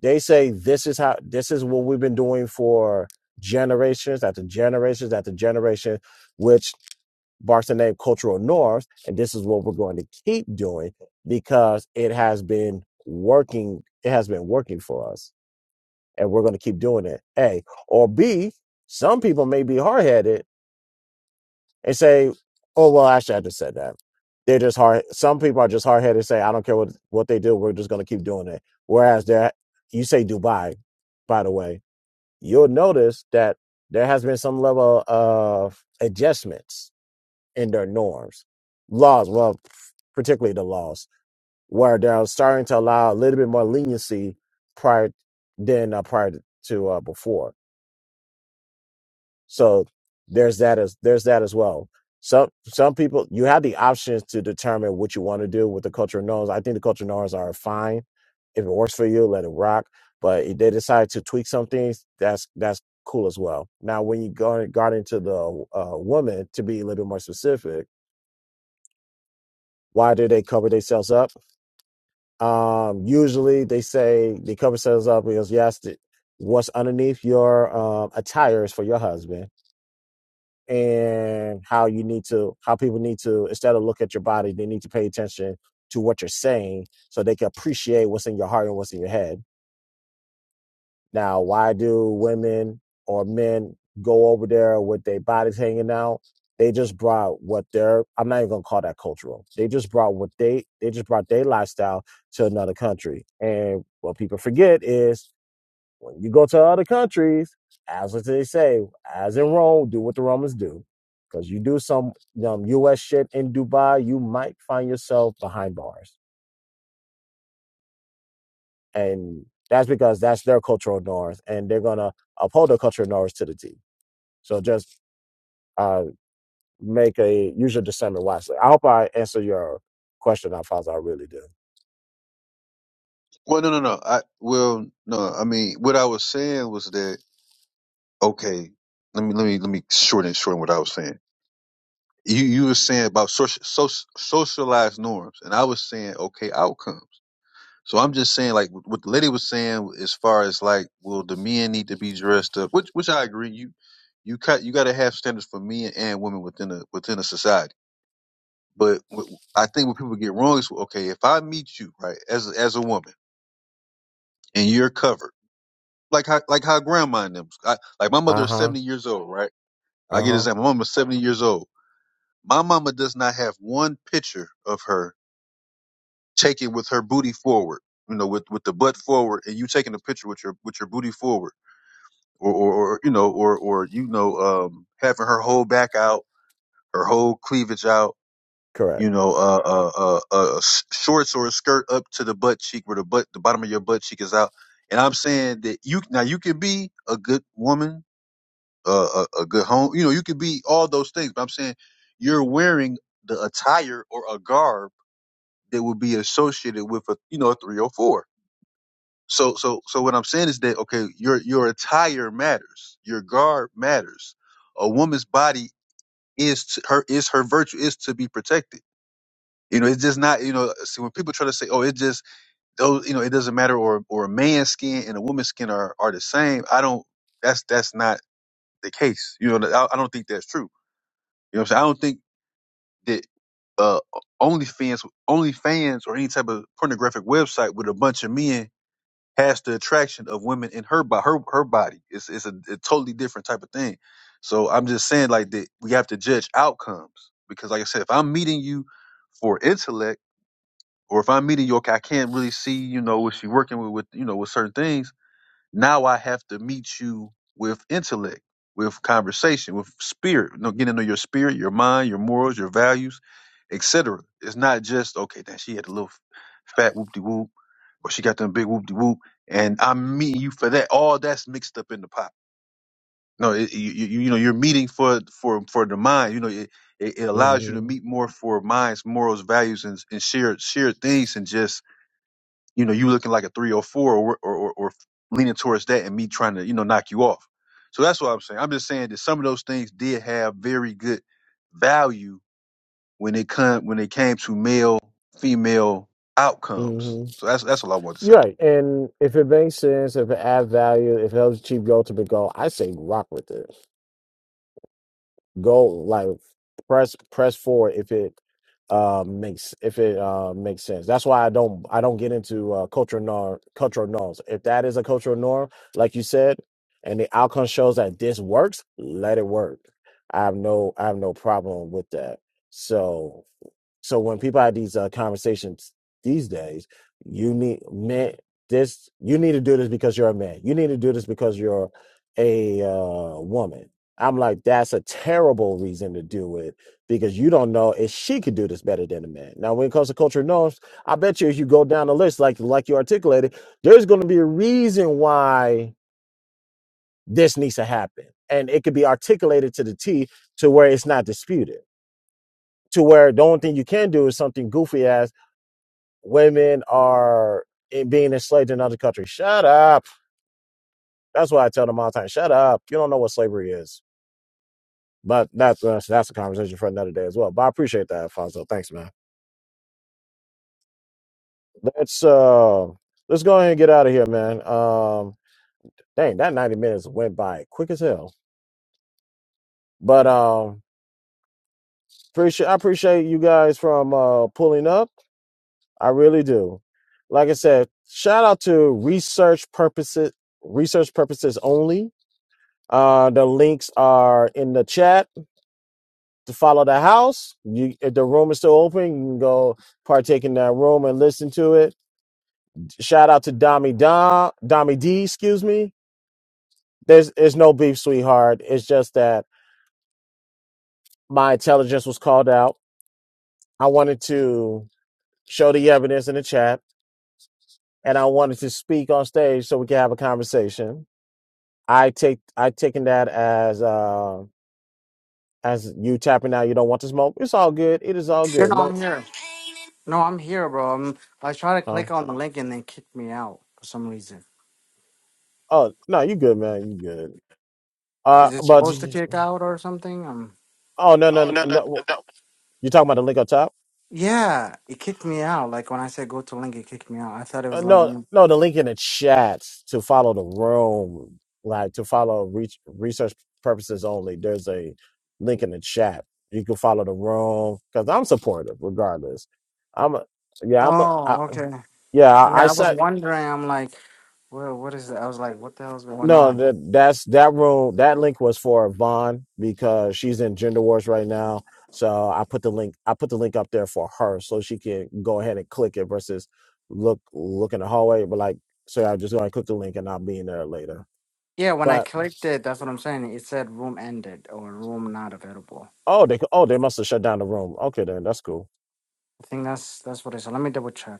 they say this is how this is what we've been doing for generations after generations after generation, which Barcelona Cultural North, and this is what we're going to keep doing because it has been working. It has been working for us, and we're going to keep doing it. A or B. Some people may be hard headed and say, "Oh well, actually, I just said that." They're just hard. Some people are just hard headed. and Say, "I don't care what what they do. We're just going to keep doing it." Whereas there, you say Dubai, by the way, you'll notice that there has been some level of adjustments in their norms. Laws, well, particularly the laws, where they're starting to allow a little bit more leniency prior than uh, prior to uh, before. So there's that as there's that as well. Some some people you have the options to determine what you want to do with the cultural norms. I think the cultural norms are fine. If it works for you, let it rock. But if they decide to tweak some things, that's that's cool as well. Now, when you go got into the uh, woman, to be a little bit more specific, why do they cover themselves up? Um, usually they say the cover says up because yes, the, what's underneath your um, attire is for your husband, and how you need to, how people need to instead of look at your body, they need to pay attention to what you're saying so they can appreciate what's in your heart and what's in your head now, why do women or men go over there with their bodies hanging out? They just brought what their I'm not even gonna call that cultural. They just brought what they they just brought their lifestyle to another country. And what people forget is when you go to other countries, as what they say, as in Rome, do what the Romans do. Because you do some um, US shit in Dubai, you might find yourself behind bars. And that's because that's their cultural norms and they're gonna uphold their cultural norms to the T. So just uh, make a use your discernment wisely. I hope I answer your question, Alfonso. I really do. Well, no, no, no. I well, no. I mean, what I was saying was that okay. Let me let me let me shorten shorten what I was saying. You you were saying about social, social socialized norms, and I was saying okay outcomes. So I'm just saying like what what the lady was saying as far as like, will the men need to be dressed up? Which which I agree. You you cut you got to have standards for men and women within a within a society. But what- I think what people get wrong is okay if I meet you right as a- as a woman and you're covered. like how like how grandma and them. I, like my mother Uh is huh. seventy years old, right? I Uh get huh. example. My mama's seventy years old. My mama does not have one picture of her taken with her booty forward. You know, with with the butt forward, and you taking a picture with your with your booty forward, or or, or you know, or or you know, um, having her whole back out, her whole cleavage out. Correct. You know, uh, uh, uh, uh, uh, s- shorts or a skirt up to the butt cheek, where the butt, the bottom of your butt cheek is out. And I'm saying that you now you can be a good woman, a, a, a good home. You know, you could be all those things, but I'm saying you're wearing the attire or a garb that would be associated with a you know a 304. So so so what I'm saying is that okay, your your attire matters, your garb matters. A woman's body is to, her is her virtue is to be protected. You know, it's just not you know. See, when people try to say, "Oh, it just those," you know, it doesn't matter, or or a man's skin and a woman's skin are are the same. I don't. That's that's not the case. You know, I, I don't think that's true You know what I'm saying? I don't think that uh OnlyFans OnlyFans or any type of pornographic website with a bunch of men has the attraction of women in her by her her body. It's it's a, a totally different type of thing. So I'm just saying like that we have to judge outcomes because like I said, if I'm meeting you for intellect or if I'm meeting you, okay, I can't really see, you know, what she working with, with you know, with certain things now I have to meet you with intellect, with conversation, with spirit, you know, getting to know your spirit, your mind, your morals, your values, etc. It's not just, okay, that she had a little fat whoop de whoop, or she got them big whoop de whoop, and I'm meeting you for that. All that's mixed up in the pot. No, it, you, you you know you're meeting for for for the mind. You know it, it, it allows you to Mm meet more for minds, morals, values, and, and shared shared things, and just you know, you looking like a three or four or or, or, or leaning towards that and me trying to, you know, knock you off. So that's what I'm saying. I'm just saying that some of those things did have very good value when it come when it came to male female hmm. Mm outcomes. hmm. So that's that's all I want to You're say. right. And if it makes sense, if it adds value, if it helps achieve your ultimate goal, I say rock with it. go like press press forward if it uh makes if it uh makes sense that's why i don't i don't get into uh cultural norm cultural norms if that is a cultural norm like you said and the outcome shows that this works let it work i have no i have no problem with that so so when people have these uh, conversations these days, you need man this you need to do this because you're a man. You need to do this because you're a uh, woman. I'm like that's a terrible reason to do it because you don't know if she could do this better than a man. Now when it comes to cultural norms, I bet you if you go down the list like like you articulated, there's going to be a reason why this needs to happen. And it could be articulated to the T to where it's not disputed. To where the only thing you can do is something goofy ass women are in being enslaved in other countries. Shut up. That's why I tell them all the time. Shut up. You don't know what slavery is. But that's that's, that's a conversation for another day as well. But I appreciate that, Alfonso. Thanks, man. Let's uh let's go ahead and get out of here, man. Um dang, that 90 minutes went by quick as hell. But um appreciate I appreciate you guys from uh pulling up. I really do. Like I said, shout out to research purposes research purposes only Uh, the links are in the chat to follow the house. You, if the room is still open, you can go partake in that room and listen to it. Shout out to Dami Dom, Dami D, excuse me. There's, there's no beef, sweetheart. It's just that my intelligence was called out. I wanted to show the evidence in the chat, and I wanted to speak on stage so we can have a conversation. I take, I taken that as, uh, as you tapping out. You don't want to smoke. It's all good. It is all Yeah, good. no, I'm No, here. No, I'm here, bro. I'm, I try to huh? click on the link and then kick me out for some reason. Oh no, you good, man. You good. Uh, Is it but supposed to kick out or something? Um, oh no, Oh no, no no no. no! no. You talking about the link up top? yeah, it kicked me out. Like when I said go to link, it kicked me out. I thought it Uh, was like, no, when- no, the link in the chat to follow the room, like to follow reach, research purposes only. There's a link in the chat. You can follow the room because I'm supportive regardless. I'm a, yeah, I'm a, I, oh, okay. yeah. I, I Yeah, I was said. wondering. I'm like, well, what is it? I was like, what the hell's going No, on? that that's that room. That link was for Vaughn because she's in gender wars right now. So I put the link. I put the link up there for her so she can go ahead and click it versus look look in the hallway. But like, so I just go and click the link and I'll be in there later. Yeah, when I But clicked it, that's what I'm saying. It said room ended or room not available. oh, they oh they must have shut down the room. Okay, then that's cool. I think that's that's what I saw. Let me double check.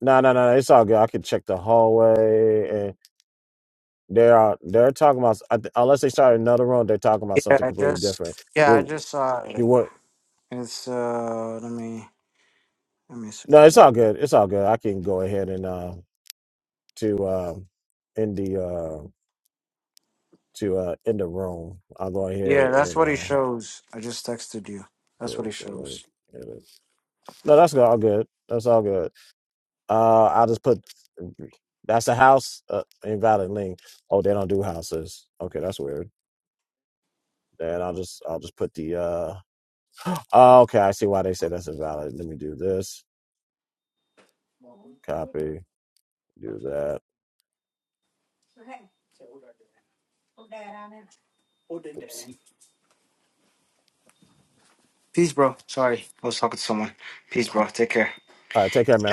No, no, no, it's all good. I can check the hallway and they are they're talking about I th- unless they start another room. They're talking about Yeah, something I completely just different. yeah, I Dude, just saw it. It's uh let me let me see. No, it's all good. It's all good. I can go ahead and uh to uh in the uh to uh in the room. I'll go Yeah, ahead that's and what it uh shows. I just texted you. That's what go it to link. shows. Edit. No, that's all good. That's all good. Uh I'll just put that's a house, uh, invalid link. Oh, they don't do houses. Okay, that's weird. Then I'll just I'll just put the uh oh, okay, I see why they say that's invalid. Let me do this. Copy, do that. Oops. Peace, bro. Sorry. I was talking to someone. Peace, bro. Take care. All right, take care, man.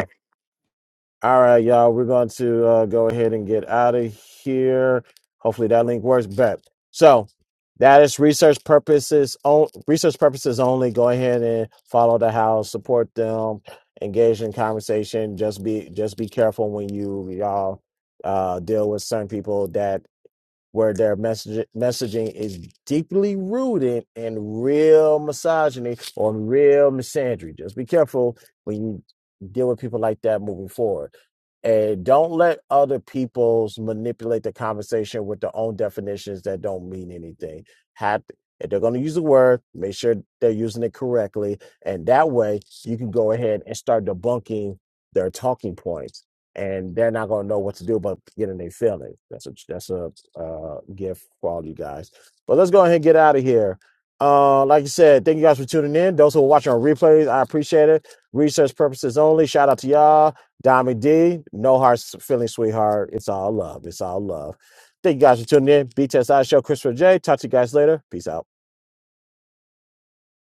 All right, y'all. We're going to uh, go ahead and get out of here. Hopefully that link works. But so that is research purposes. On, research purposes only. Go ahead and follow the house, support them, engage in conversation. Just be just be careful when you y'all uh, deal with certain people that where their message, messaging is deeply rooted in real misogyny or real misandry. Just be careful when you deal with people like that moving forward. And don't let other people's manipulate the conversation with their own definitions that don't mean anything. Have if they're going to use a word, make sure they're using it correctly, and that way you can go ahead and start debunking their talking points and they're not gonna know what to do but get in their feelings. That's a that's a uh, gift for all you guys. But let's go ahead and get out of here. Uh, like I said, thank you guys for tuning in. Those who are watching on replays, I appreciate it. Research purposes only. Shout out to y'all, Diamond D. No hard s- feelings, sweetheart. It's all love. It's all love. Thank you guys for tuning in. Btsi Show, Christopher J. Talk to you guys later. Peace out.